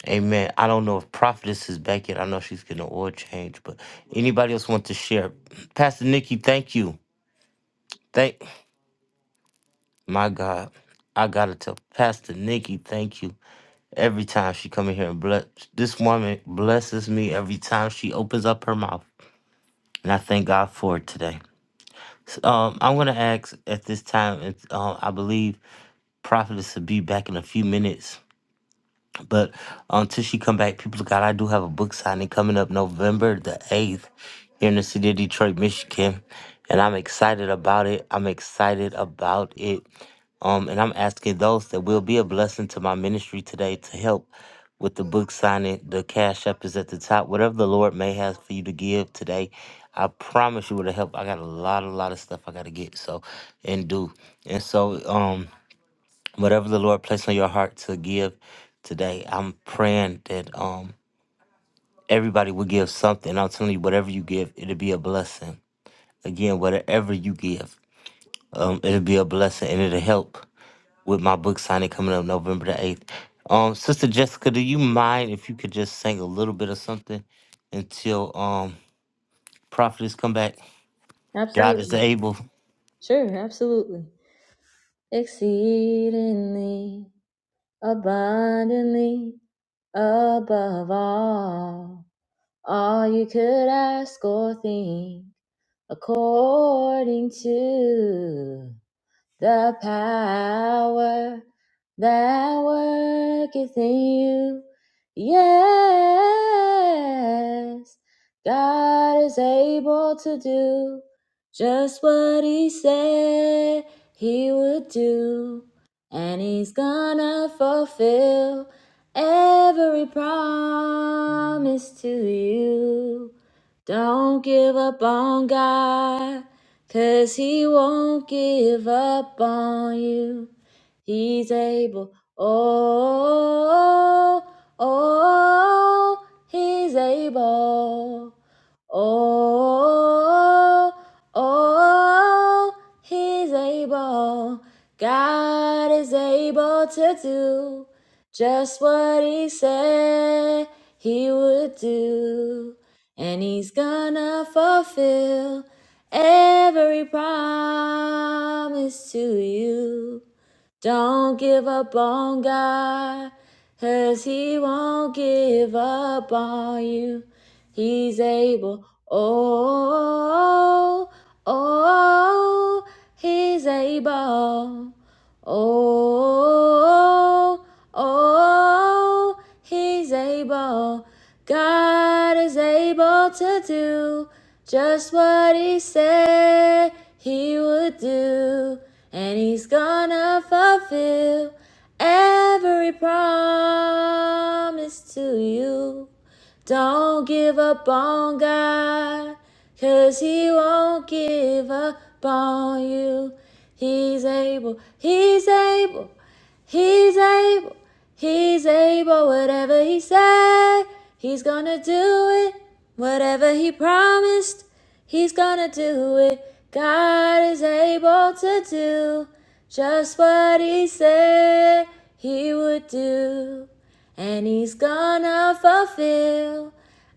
[SPEAKER 1] Amen. I don't know if Prophetess is back yet. I know she's getting an oil change, but anybody else want to share? Pastor Nikki, thank you. Thank my God. I gotta tell Pastor Nikki, thank you. Every time she come in here and bless this woman blesses me every time she opens up her mouth. And I thank God for it today. So, um, I'm gonna ask at this time, and uh, I believe Prophetess will be back in a few minutes. But until she come back, people of God, I do have a book signing coming up November the eighth here in the city of Detroit, Michigan, and I'm excited about it. I'm excited about it, um, and I'm asking those that will be a blessing to my ministry today to help with the book signing. The cash app is at the top. Whatever the Lord may have for you to give today, I promise you it'll help. I got a lot, a lot of stuff I got to get so and do, and so um whatever the Lord placed on your heart to give today, I'm praying that um everybody will give something. I'm telling you, whatever you give, it'll be a blessing. Again, whatever you give, um, it'll be a blessing and it'll help with my book signing coming up November the eighth. Um, Sister Jessica, do you mind if you could just sing a little bit of something until um prophets come back? God is
[SPEAKER 2] Absolutely.
[SPEAKER 1] able.
[SPEAKER 2] Sure, absolutely. Exceedingly, abundantly, above all, all you could ask or think. according to the power that worketh in you. Yes, God is able to do just what He said He would do, and He's gonna fulfill every promise to you. Don't give up on God, 'cause He won't give up on you. He's able, oh, oh, oh, He's able. Oh, oh, oh, he's able. God is able to do just what he said he would do. And he's gonna fulfill every promise to you. Don't give up on God, 'cause He won't give up on you. He's able, oh, oh, oh, He's able. Oh, oh, oh, he's able. God is able to do just what he said he would do. And he's gonna fulfill every promise to you. Don't give up on God, 'cause He won't give up on you. He's able, He's able, He's able, he's able, whatever he said, he's gonna do it. Whatever he promised, he's gonna do it. God is able to do just what he said he would do. And he's gonna fulfill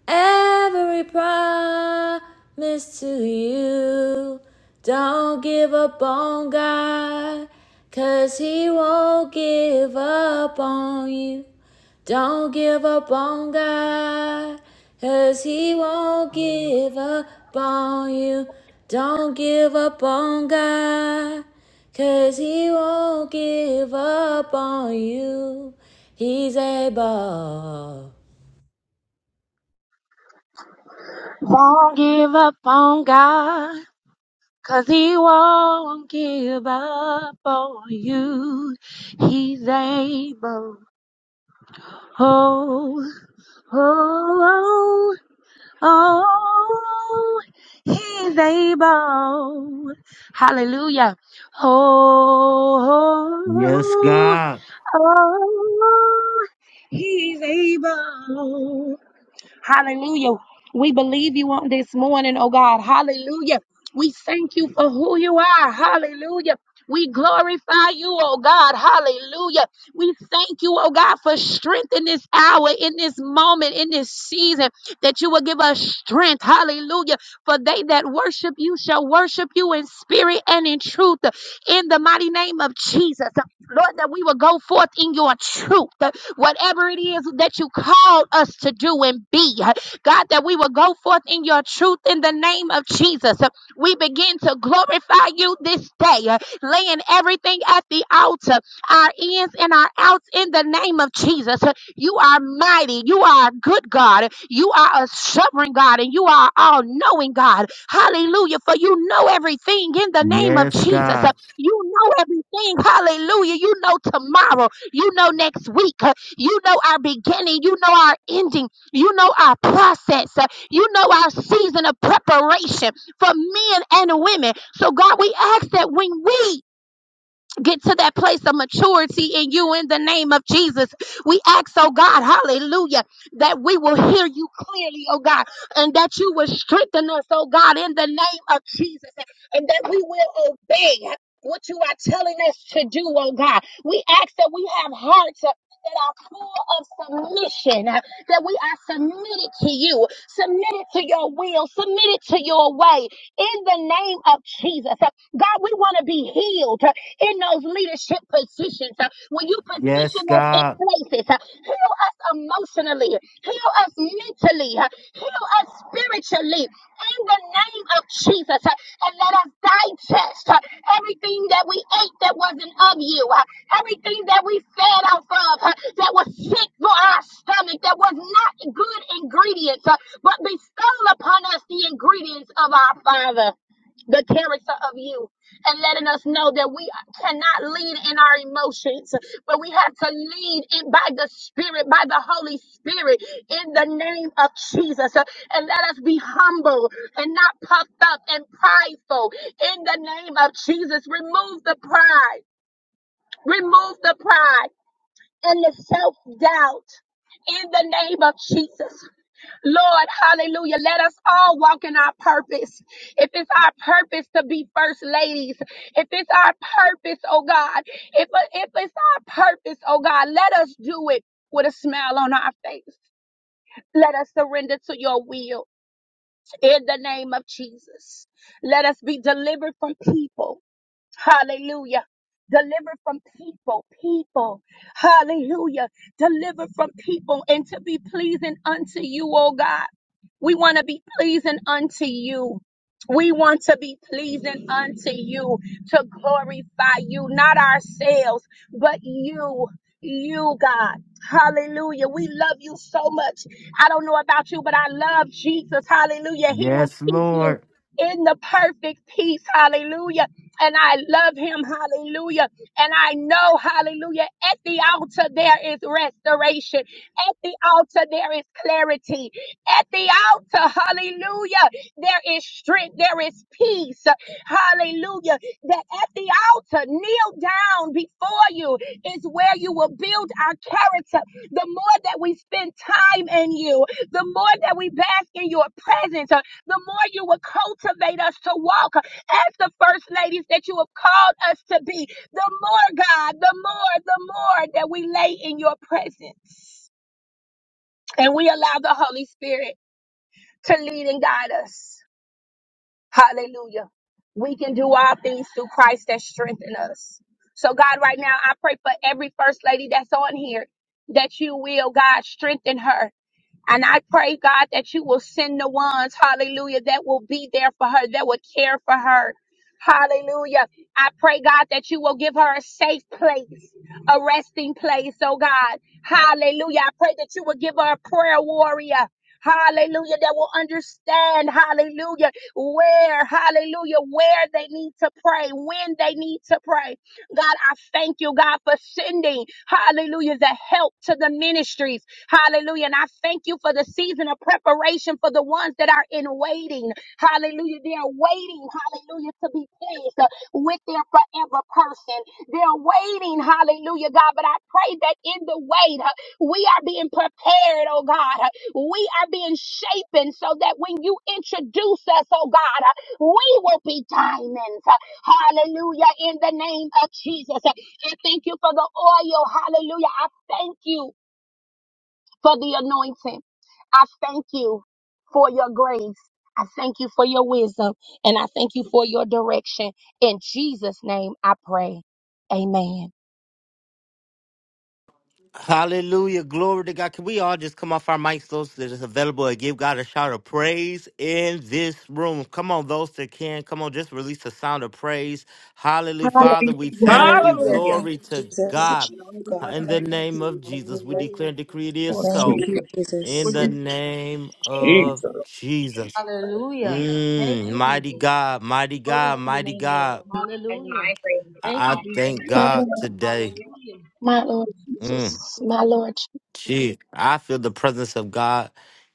[SPEAKER 2] every promise to you. Don't give up on God. Cause he won't give up on you. Don't give up on God. 'Cause he won't give up on you. Don't give up on God. 'Cause he won't give up on you. He's able.
[SPEAKER 9] Won't give up on God. Cause he won't give up on you. He's able. Oh, oh, oh, oh. He's able. Hallelujah.
[SPEAKER 1] Yes,
[SPEAKER 9] Oh, oh,
[SPEAKER 1] God.
[SPEAKER 9] oh. He's able. Hallelujah. We believe you on this morning, oh God. Hallelujah. We thank you for who you are. Hallelujah. We glorify you, oh God. Hallelujah. We thank you, oh God, for strength in this hour, in this moment, in this season, that you will give us strength. Hallelujah. For they that worship you shall worship you in spirit and in truth, in the mighty name of Jesus. Lord, that we will go forth in your truth, uh, whatever it is that you called us to do and be. uh, God, that we will go forth in your truth in the name of Jesus. Uh, We begin to glorify you this day, uh, laying everything at the altar, our ins and our outs in the name of Jesus. Uh, You are mighty. You are a good God. You are a sovereign God, and you are all knowing God. Hallelujah. For you know everything in the name of
[SPEAKER 1] Yes,
[SPEAKER 9] Jesus.
[SPEAKER 1] God.
[SPEAKER 9] You know everything. Hallelujah. You know tomorrow. You know next week. Uh, You know our beginning. You know our ending. You know our process. Uh, You know our season of preparation for men and women. So, God, we ask that when we get to that place of maturity in you in the name of Jesus. We ask, oh God, hallelujah, that we will hear you clearly, oh God, and that you will strengthen us, oh God, in the name of Jesus, and that we will obey what you are telling us to do, oh God. We ask that we have hearts. uh, That are full of submission, uh, that we are submitted to you, submitted to your will, submitted to your way in the name of Jesus. Uh, God, we want to be healed in those leadership positions, uh, when you
[SPEAKER 1] Yes,
[SPEAKER 9] position us in
[SPEAKER 1] God.
[SPEAKER 9] places, uh, heal us emotionally, heal us mentally, uh, heal us spiritually in the name of Jesus, uh, and let us digest uh, everything that we ate that wasn't of you, uh, everything that we fed off of uh, that was sick for our stomach, that was not good ingredients, uh, but bestow upon us the ingredients of our Father the character of you and letting us know that we cannot lead in our emotions, but we have to lead in by the Spirit, by the Holy Spirit, in the name of Jesus. Uh, And let us be humble and not puffed up and prideful in the name of Jesus. Remove the pride, remove the pride and the self doubt in the name of Jesus. Lord, hallelujah. Let us all walk in our purpose. If it's our purpose to be first ladies, if it's our purpose, oh God, if, if it's our purpose, oh God, let us do it with a smile on our face. Let us surrender to your will in the name of Jesus. Let us be delivered from people. Hallelujah. Deliver from people, people. Hallelujah. Deliver from people and to be pleasing unto you, oh God. We want to be pleasing unto you. We want to be pleasing unto you to glorify you, not ourselves, but you, you, God. Hallelujah. We love you so much. I don't know about you, but I love Jesus. Hallelujah. He will
[SPEAKER 1] Yes,
[SPEAKER 9] keep you
[SPEAKER 1] Lord.
[SPEAKER 9] in the perfect peace. Hallelujah and I love him. Hallelujah. And I know, hallelujah, at the altar there is restoration. At the altar there is clarity. At the altar, hallelujah, there is strength, there is peace. Hallelujah. That at the altar, kneel down before you is where you will build our character. The more that we spend time in you, the more that we bask in your presence, uh, the more you will cultivate us to walk as the first ladies that you have called us to be. The more, God, the more, the more that we lay in your presence and we allow the Holy Spirit to lead and guide us. Hallelujah. We can do all things through Christ that strengthen us. So, God, right now, I pray for every first lady that's on here that you will, God, strengthen her. And I pray, God, that you will send the ones, hallelujah, that will be there for her, that will care for her. Hallelujah. I pray, God, that you will give her a safe place, a resting place, oh God. Hallelujah. I pray that you will give her a prayer warrior. Hallelujah. That will understand, hallelujah, where, hallelujah, where they need to pray, when they need to pray. God, I thank you, God, for sending, hallelujah, the help to the ministries. Hallelujah. And I thank you for the season of preparation for the ones that are in waiting. Hallelujah. They are waiting, hallelujah, to be placed uh, with their forever person. They're waiting, hallelujah, God. But I pray that in the wait, uh, we are being prepared, oh God. Uh, We are being shapen so that when you introduce us, oh God, uh, we will be diamonds. Uh, Hallelujah. In the name of Jesus. Uh, I thank you for the oil. Hallelujah. I thank you for the anointing. I thank you for your grace. I thank you for your wisdom and I thank you for your direction. In Jesus' name I pray. Amen.
[SPEAKER 1] Hallelujah. Glory to God. Can we all just come off our mics, those that is available, and give God a shout of praise in this room? Come on, those that can. Come on, just release the sound of praise. Hallelujah. Father, we
[SPEAKER 9] Hallelujah.
[SPEAKER 1] thank you.
[SPEAKER 3] Hallelujah.
[SPEAKER 1] Glory to God. In the name of Jesus, we declare
[SPEAKER 5] Hallelujah.
[SPEAKER 1] and
[SPEAKER 5] Thank
[SPEAKER 1] decree it
[SPEAKER 5] you,
[SPEAKER 1] is so.
[SPEAKER 5] Lord.
[SPEAKER 1] In the name of Jesus.
[SPEAKER 2] Hallelujah. Thank
[SPEAKER 1] Mm,
[SPEAKER 2] you,
[SPEAKER 1] mighty
[SPEAKER 2] Jesus.
[SPEAKER 1] God, mighty
[SPEAKER 2] Glory to
[SPEAKER 1] God,
[SPEAKER 2] your
[SPEAKER 1] mighty
[SPEAKER 2] name, Lord.
[SPEAKER 1] God.
[SPEAKER 2] Hallelujah. Thank
[SPEAKER 1] I
[SPEAKER 2] you,
[SPEAKER 1] I
[SPEAKER 2] Jesus.
[SPEAKER 1] thank
[SPEAKER 9] My
[SPEAKER 1] God
[SPEAKER 9] Lord,
[SPEAKER 1] today.
[SPEAKER 2] Hallelujah.
[SPEAKER 9] my Lord
[SPEAKER 1] Mm.
[SPEAKER 9] Jesus, my Lord. Jesus.
[SPEAKER 1] Gee, I feel the presence of God,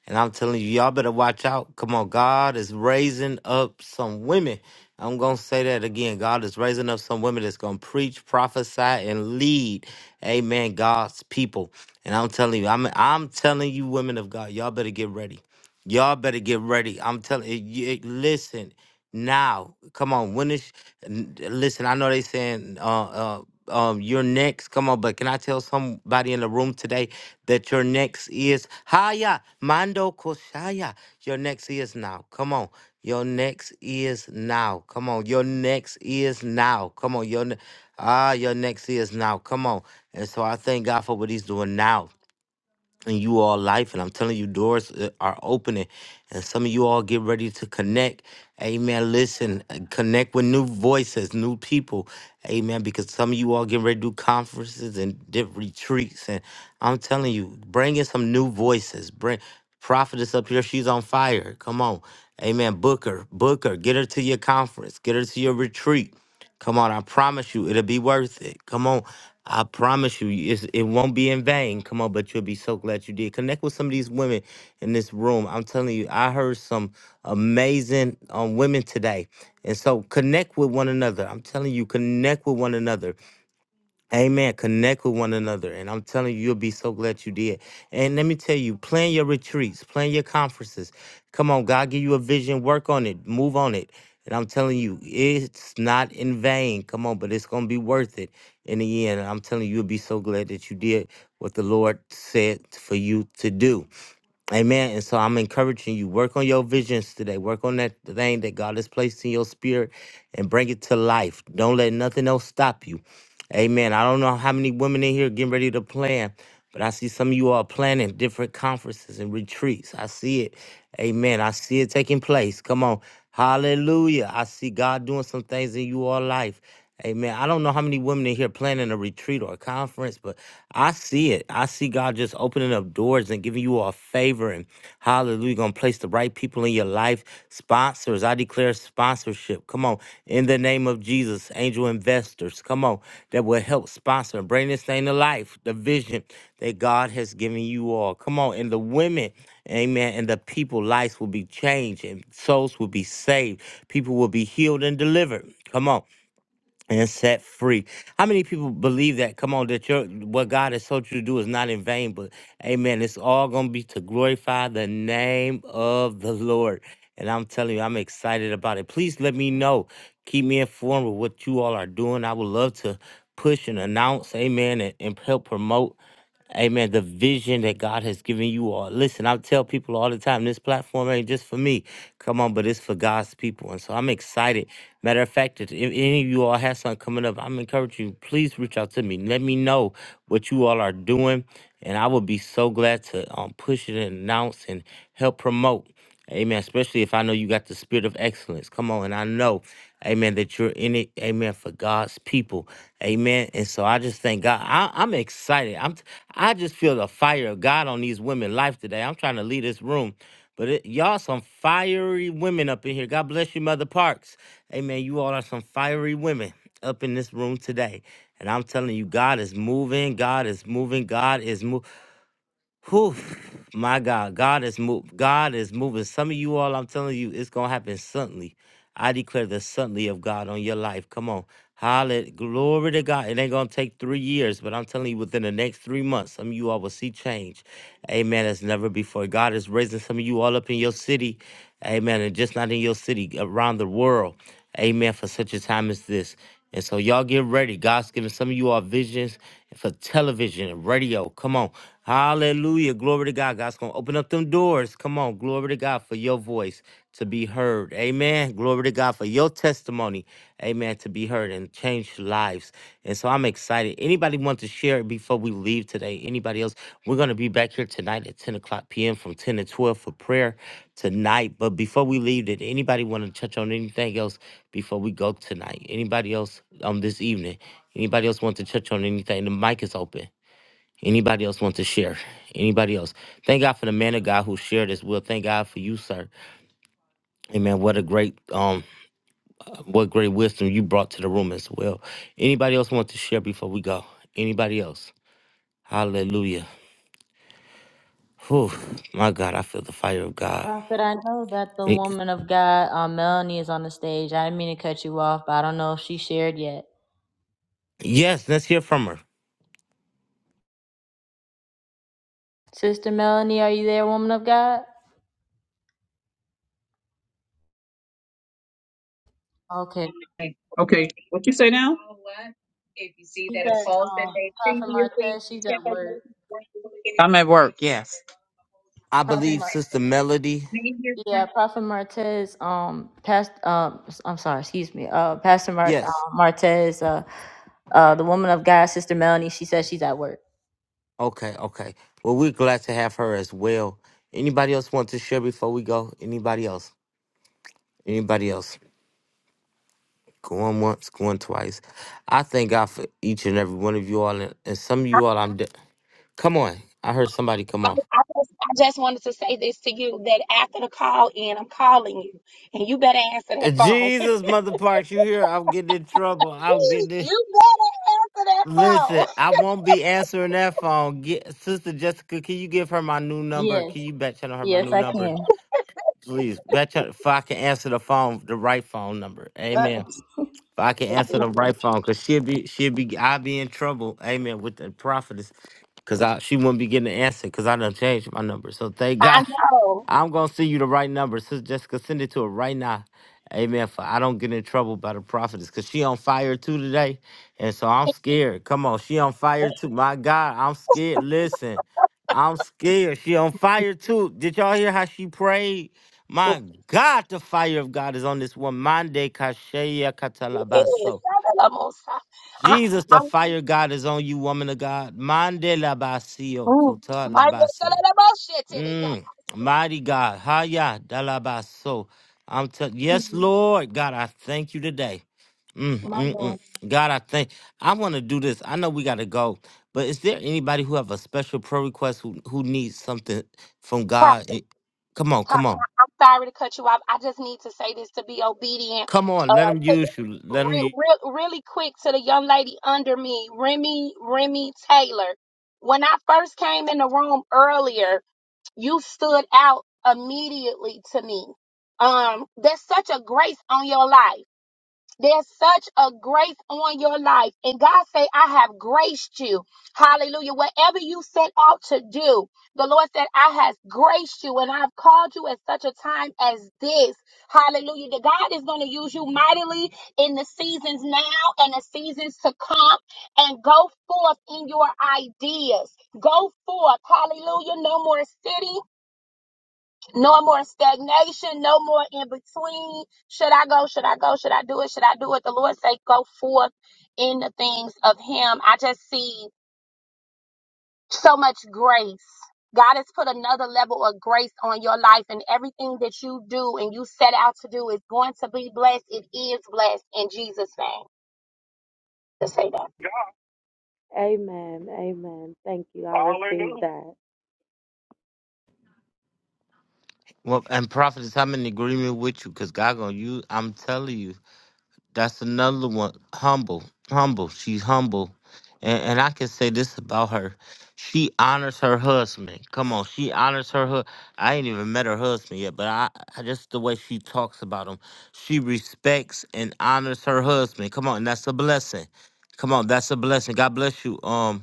[SPEAKER 1] and I'm telling you, y'all better watch out. Come on, God is raising up some women. I'm gonna say that again. God is raising up some women that's gonna preach, prophesy, and lead. Amen. God's people, and I'm telling you, I'm I'm telling you, women of God, y'all better get ready. Y'all better get ready. I'm telling you, listen now. Come on, when is? n- Listen, I know they saying uh, uh, um, you're next. Come on, but can I tell somebody in the room today that your next is Haya Mando Koshaya? Your next is now. Come on. Your next is now. Come on. Your next is now. Come on. Your ne- ah, your next is now. Come on. And so I thank God for what He's doing now in you all life and i'm telling you doors uh, are opening and some of you all get ready to connect amen listen uh, connect with new voices new people amen because some of you all getting ready to do conferences and different retreats and i'm telling you bring in some new voices bring prophetess up here she's on fire come on amen book her book her get her to your conference get her to your retreat Come on, I promise you, it'll be worth it. Come on. I promise you, it's, it won't be in vain. Come on, but you'll be so glad you did. Connect with some of these women in this room. I'm telling you, I heard some amazing um, women today. And so connect with one another. I'm telling you, connect with one another. Amen. Connect with one another. And I'm telling you, you'll be so glad you did. And let me tell you, plan your retreats, plan your conferences. Come on, God give you a vision, work on it, move on it. And I'm telling you, it's not in vain. Come on, but it's going to be worth it in the end. And I'm telling you, you'll be so glad that you did what the Lord said for you to do. Amen. And so I'm encouraging you, work on your visions today. Work on that thing that God has placed in your spirit and bring it to life. Don't let nothing else stop you. Amen. I don't know how many women in here getting ready to plan, but I see some of you are planning different conferences and retreats. I see it. Amen. I see it taking place. Come on. Hallelujah. I see God doing some things in you all life. Amen. I don't know how many women in here planning a retreat or a conference, but I see it. I see God just opening up doors and giving you all favor Hallelujah. Gonna place the right people in your life. Sponsors. I declare sponsorship. Come on. In the name of Jesus, angel investors. Come on. That will help sponsor and bring this thing to life. The vision that God has given you all. Come on. And the women. Amen. And the people, lives will be changed and souls will be saved. People will be healed and delivered. Come on and set free. How many people believe that? Come on, that your what God has told you to do is not in vain, but amen. It's all gonna be to glorify the name of the Lord. And I'm telling you, I'm excited about it. Please let me know. Keep me informed with what you all are doing. I would love to push and announce, amen, and, and help promote. Amen. The vision that God has given you all. Listen, I tell people all the time, this platform ain't just for me. Come on, but it's for God's people. And so I'm excited. Matter of fact, if if any of you all have something coming up, I'm encouraging you, please reach out to me. Let me know what you all are doing. And I will be so glad to um, push it and announce and help promote. Amen. Especially if I know you got the spirit of excellence. Come on. And I know, amen, that you're in it. Amen. For God's people. Amen. And so I just thank God. I, I'm excited. I'm, t- I just feel the fire of God on these women life today. I'm trying to leave this room. But it, y'all some fiery women up in here. God bless you, Mother Parks. Amen. You all are some fiery women up in this room today. And I'm telling you, God is moving. God is moving. God is moving. Whew, my God, God is moved. God is moving. Some of you all, I'm telling you, it's gonna happen suddenly. I declare the suddenly of God on your life. Come on, hallelujah, glory to God. It ain't gonna take three years, but I'm telling you, within the next three months, some of you all will see change. Amen. As never before, God is raising some of you all up in your city. Amen. And just not in your city, around the world. Amen. For such a time as this. And so y'all get ready. God's giving some of you all visions for television and radio. Come on. Hallelujah. Glory to God. God's going to open up them doors. Come on. Glory to God for your voice to be heard. Amen. Glory to God for your testimony. Amen. To be heard and change lives. And so I'm excited. Anybody want to share it before we leave today? Anybody else? We're going to be back here tonight at 10 o'clock p.m. from 10 to 12 for prayer tonight. But before we leave, did anybody want to touch on anything else before we go tonight? Anybody else um this evening? Anybody else want to touch on anything? The mic is open. Anybody else want to share? Anybody else? Thank God for the man of God who shared as well. Thank God for you, sir. Amen. What a great um what great wisdom you brought to the room as well. Anybody else want to share before we go? Anybody else? Hallelujah. Whew, my God, I feel the fire of God.
[SPEAKER 2] Prophet, I know that the
[SPEAKER 1] Y-
[SPEAKER 2] woman of God, uh, Melanie, is on the stage. I didn't mean to cut you off, but I don't know if she shared yet.
[SPEAKER 1] Yes, let's hear from her.
[SPEAKER 2] Sister Melanie, are you there, woman of God? Okay.
[SPEAKER 3] Okay. What you say now?
[SPEAKER 2] She's at um, Prophet Martez. She's at work.
[SPEAKER 3] I'm at work. Yes.
[SPEAKER 1] I
[SPEAKER 2] Prophet
[SPEAKER 1] believe
[SPEAKER 2] Mar-
[SPEAKER 1] Sister Melody.
[SPEAKER 2] yeah, Prophet Martez. Um, past. Um, s- I'm sorry. Excuse me. Uh, Pastor Mar-
[SPEAKER 1] Yes.
[SPEAKER 2] uh, Martez. Uh, uh, the woman of God, Sister Melanie. She says she's at work.
[SPEAKER 1] Okay, okay. Well, we're glad to have her as well. Anybody else want to share before we go? Anybody else? Anybody else? Going once, going twice. I thank God for each and every one of you all. And, and some of you all, I'm. De- come on. I heard somebody come
[SPEAKER 9] I,
[SPEAKER 1] off.
[SPEAKER 9] I just, I just wanted to say this to you that after the call in, I'm calling you, and you better answer that phone.
[SPEAKER 1] Jesus, Mother Parks, you here? I'm getting in trouble. I'm getting
[SPEAKER 9] <laughs>
[SPEAKER 1] in.
[SPEAKER 9] you better answer that
[SPEAKER 1] Listen,
[SPEAKER 9] phone.
[SPEAKER 1] I won't be answering that phone. Get Sister Jessica, can you give her my new number?
[SPEAKER 2] Yes.
[SPEAKER 1] Can you back channel her my
[SPEAKER 2] Yes,
[SPEAKER 1] new
[SPEAKER 2] I
[SPEAKER 1] number?
[SPEAKER 2] can.
[SPEAKER 1] Please, back channel if I can answer the phone, the right phone number.
[SPEAKER 2] Uh,
[SPEAKER 1] Amen. If I can
[SPEAKER 2] <laughs>
[SPEAKER 1] answer the right phone, cause she'll be she'll be I'll be in trouble. Amen. With the prophetess. Cause I she wouldn't be getting the answer because I done changed my number. So thank <laughs>
[SPEAKER 9] <laughs>
[SPEAKER 1] God
[SPEAKER 9] I know.
[SPEAKER 1] I'm gonna send you the right number. Sister Jessica, send it to her right now. Amen. For I don't get in trouble by the prophetess. Cause she on fire too today. And so I'm scared. Come on, she on fire too. My God, I'm scared. Listen, I'm scared. She on fire too. Did y'all hear how she prayed? My God, the fire of God is on this woman. Mande kasheya katalabaso.
[SPEAKER 9] Yes, I,
[SPEAKER 1] Jesus, the fire of God is on you, woman of God. Mande labasio
[SPEAKER 9] Mm. My Lord, tell
[SPEAKER 1] kotalabase.
[SPEAKER 9] her about shit till they come.
[SPEAKER 1] Mm, mighty God. Haya dalabaso. I'm t- yes,
[SPEAKER 9] Mhm.
[SPEAKER 1] Lord. God, I thank you today. Mm,
[SPEAKER 9] My
[SPEAKER 1] mm, mm.
[SPEAKER 9] Lord.
[SPEAKER 1] God, I thank I want to do this. I know we gotta go, but is there anybody who have a special prayer request who, who needs something from
[SPEAKER 9] Prophet,
[SPEAKER 1] God? Eh, Come on, come
[SPEAKER 9] Prophet,
[SPEAKER 1] on.
[SPEAKER 9] I- I'm sorry to cut you off. I just need to say this to be obedient.
[SPEAKER 1] Come
[SPEAKER 9] Uh,
[SPEAKER 1] on, let him
[SPEAKER 9] to the-
[SPEAKER 1] use you. Let him
[SPEAKER 9] real,
[SPEAKER 1] use
[SPEAKER 9] real, really quick to the young lady under me, Remy, Remy Taylor. When I first came in the room earlier, you stood out immediately to me. Um, there's such a grace on your life. There's such a grace on your life. And God say, I have graced you. Hallelujah. Whatever you set out to do, the Lord said, I has graced you and I've called you at such a time as this. Hallelujah. That God is going to use you mightily in the seasons now and the seasons to come and go forth in your ideas. Go forth. Hallelujah. No more sitting. No more stagnation, no more in between. Should I go? Should I go? Should I do it? Should I do it? The Lord say, go forth in the things of Him. I just see so much grace. God has put another level of grace on your life, and everything that you do and you set out to do is going to be blessed. It is blessed in Jesus' name. To say that.
[SPEAKER 5] Amen. Amen. Thank you. I receive Hallelujah. that.
[SPEAKER 1] well, and prophet, I'm in agreement with you because God gonna use. I'm telling you. That's another one. Humble, humble. She's humble, and and I can say this about her: she honors her husband. Come on, she honors her. Hu- I ain't even met her husband yet, but I, I just the way she talks about him, she respects and honors her husband. Come on, and that's a blessing. Come on, that's a blessing. God bless you. Um,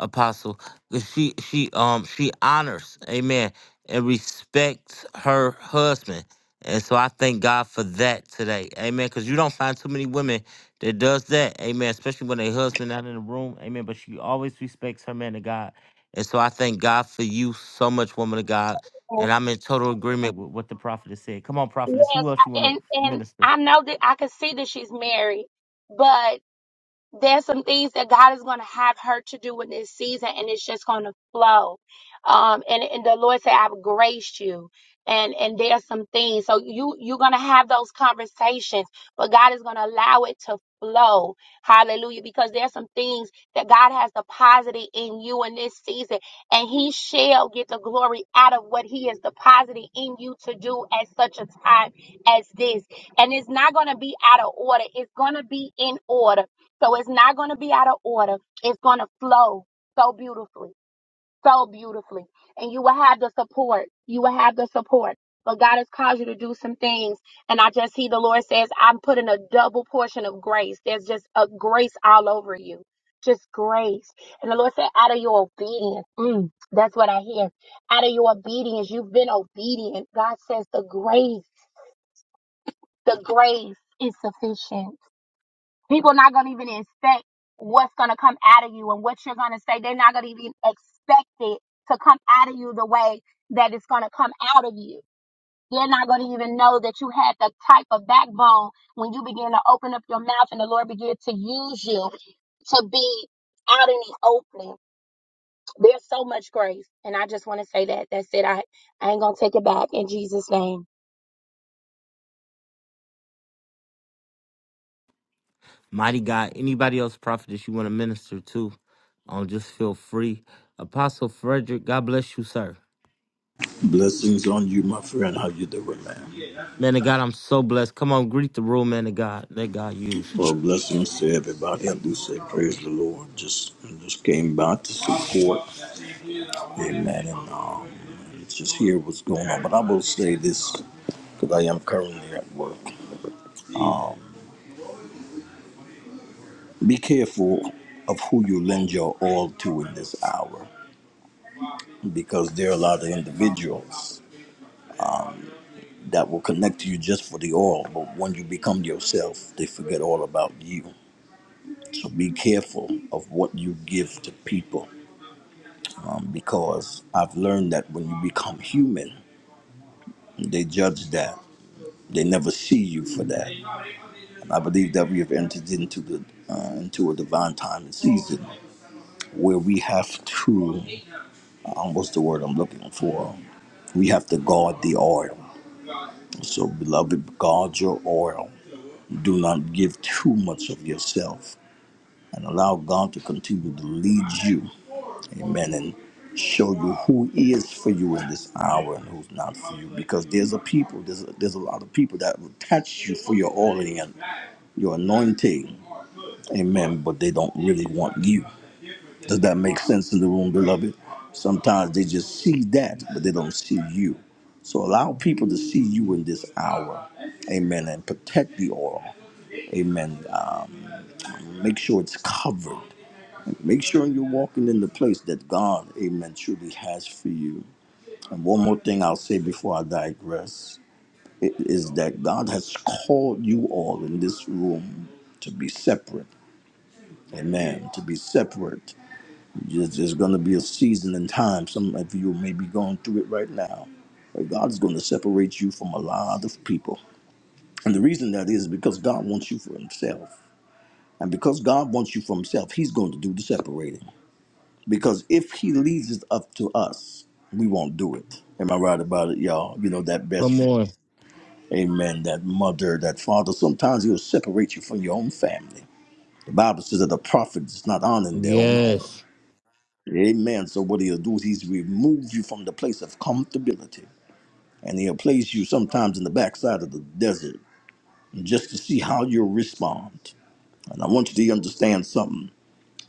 [SPEAKER 1] apostle 'cause she she um she honors amen and respects her husband and so i thank god for that today amen because you don't find too many women that does that amen especially when their husband not in the room amen but she always respects her man of god and so i thank god for you so much woman of god and i'm in total agreement with what the prophet has said come on prophetess
[SPEAKER 9] Yes,
[SPEAKER 1] who else you
[SPEAKER 9] I-
[SPEAKER 1] want to
[SPEAKER 9] and and
[SPEAKER 1] minister
[SPEAKER 9] I know that I can see that she's married, but. there's some things that God is going to have her to do in this season, and it's just going to flow. Um, and and the Lord said, "I've graced you." And and there's some things, so you you're going to have those conversations, but God is going to allow it to flow. Hallelujah! Because there's some things that God has deposited in you in this season, and He shall get the glory out of what He has deposited in you to do at such a time as this. And it's not going to be out of order; it's going to be in order so it's not going to be out of order. It's going to flow so beautifully, so beautifully. And you will have the support. You will have the support. But God has caused you to do some things. And I just see the Lord says, I'm putting a double portion of grace. There's just a grace all over you. Just grace. And the Lord said, out of your obedience, mm, that's what I hear. Out of your obedience, you've been obedient. God says, the grace, the grace is sufficient People not gonna even expect what's gonna come out of you and what you're gonna say. They're not gonna even expect it to come out of you the way that it's gonna come out of you. They're not gonna even know that you had the type of backbone when you begin to open up your mouth and the Lord began to use you to be out in the opening. There's so much grace. And I just wanna say that. That's it. I, I ain't gonna take it back in Jesus' name.
[SPEAKER 1] Mighty God, anybody else, prophet, that you want to minister to, um, just feel free. Apostle Frederick, God bless you, sir.
[SPEAKER 10] Blessings on you, my friend. How you doing, man?
[SPEAKER 1] Man of God, I'm so blessed. Come on, greet the room, man of God. Let God use you.
[SPEAKER 10] Well, blessings to everybody. I do say praise the Lord. Just just came by to support, amen, and um, just hear what's going on. But I will say this, because I am currently at work. Be careful of who you lend your all to in this hour, because there are a lot of individuals that will connect to you just for the oil, but when you become yourself, they forget all about you. So be careful of what you give to people um, because I've learned that when you become human, they judge that. They never see you for that. And I believe that we have entered into the uh, into a divine time and season where we have to, um, what's the word I'm looking for? We have to guard the oil. So, beloved, guard your oil. Do not give too much of yourself and allow God to continue to lead you Amen. And show you who is for you in this hour and who's not for you. Because there's a people, there's a, there's a lot of people that will touch you for your oiling and your anointing. Amen. But they don't really want you. Does that make sense in the room, beloved? Sometimes they just see that, but they don't see you. So allow people to see you in this hour. Amen. And protect the oil. Amen. Um, make sure it's covered. Make sure you're walking in the place that God, amen, truly has for you. And one more thing I'll say before I digress i- is that God has called you all in this room to be separate. Amen. To be separate. There's, there's going to be a season and time. Some of you may be going through it right now. But God's going to separate you from a lot of people. And the reason that is because God wants you for Himself. And because God wants you for Himself, He's going to do the separating. Because if He leaves it up to us, we won't do it. Am I right about it, y'all? You know, that best
[SPEAKER 1] Come on.
[SPEAKER 10] Amen. That mother, that father, sometimes he'll separate you from your own family. The Bible says that the prophet is not honored in their own home.
[SPEAKER 1] Yes.
[SPEAKER 10] Amen. So what he'll do is he's remove you from the place of comfortability. And he'll place you sometimes in the backside of the desert just to see how you'll respond. And I want you to understand something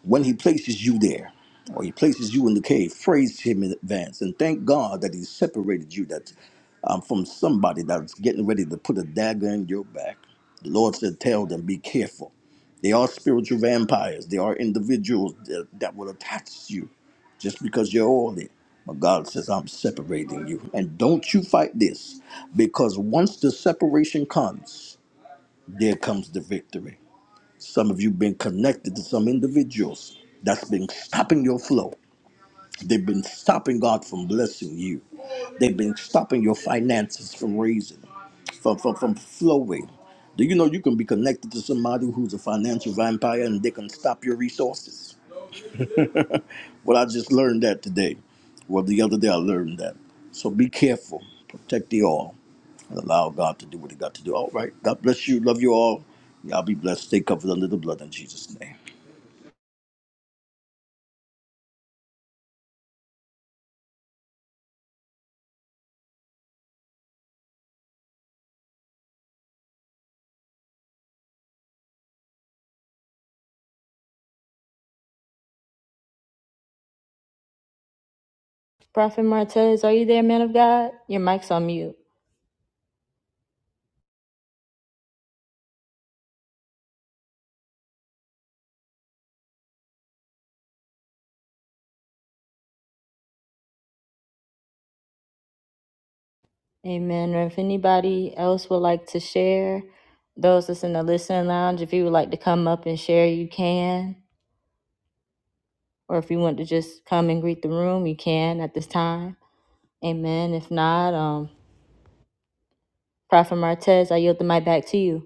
[SPEAKER 10] when he places you there or he places you in the cave praise him in advance and thank god that he separated you that um, from somebody that's getting ready to put a dagger in your back the lord said tell them be careful they are spiritual vampires they are individuals that, that will attach you just because you're oily but god says i'm separating you and don't you fight this because once the separation comes there comes the victory some of you been connected to some individuals that's been stopping your flow. They've been stopping God from blessing you. They've been stopping your finances from raising, from, from, from flowing. Do you know you can be connected to somebody who's a financial vampire and they can stop your resources? Well, I just learned that today. Well, the other day I learned that. So be careful, protect the all, and allow God to do what He got to do. All right. God bless you. Love you all. Y'all be blessed. Stay covered under the blood in Jesus' name.
[SPEAKER 2] Prophet Martez, are you there, man of God? Your mic's on mute. Amen. Or if anybody else would like to share, those that's in the listening lounge, if you would like to come up and share, you can. Or if you want to just come and greet the room, you can at this time. Amen. If not, um, Prophet Martez, I yield the mic back to you.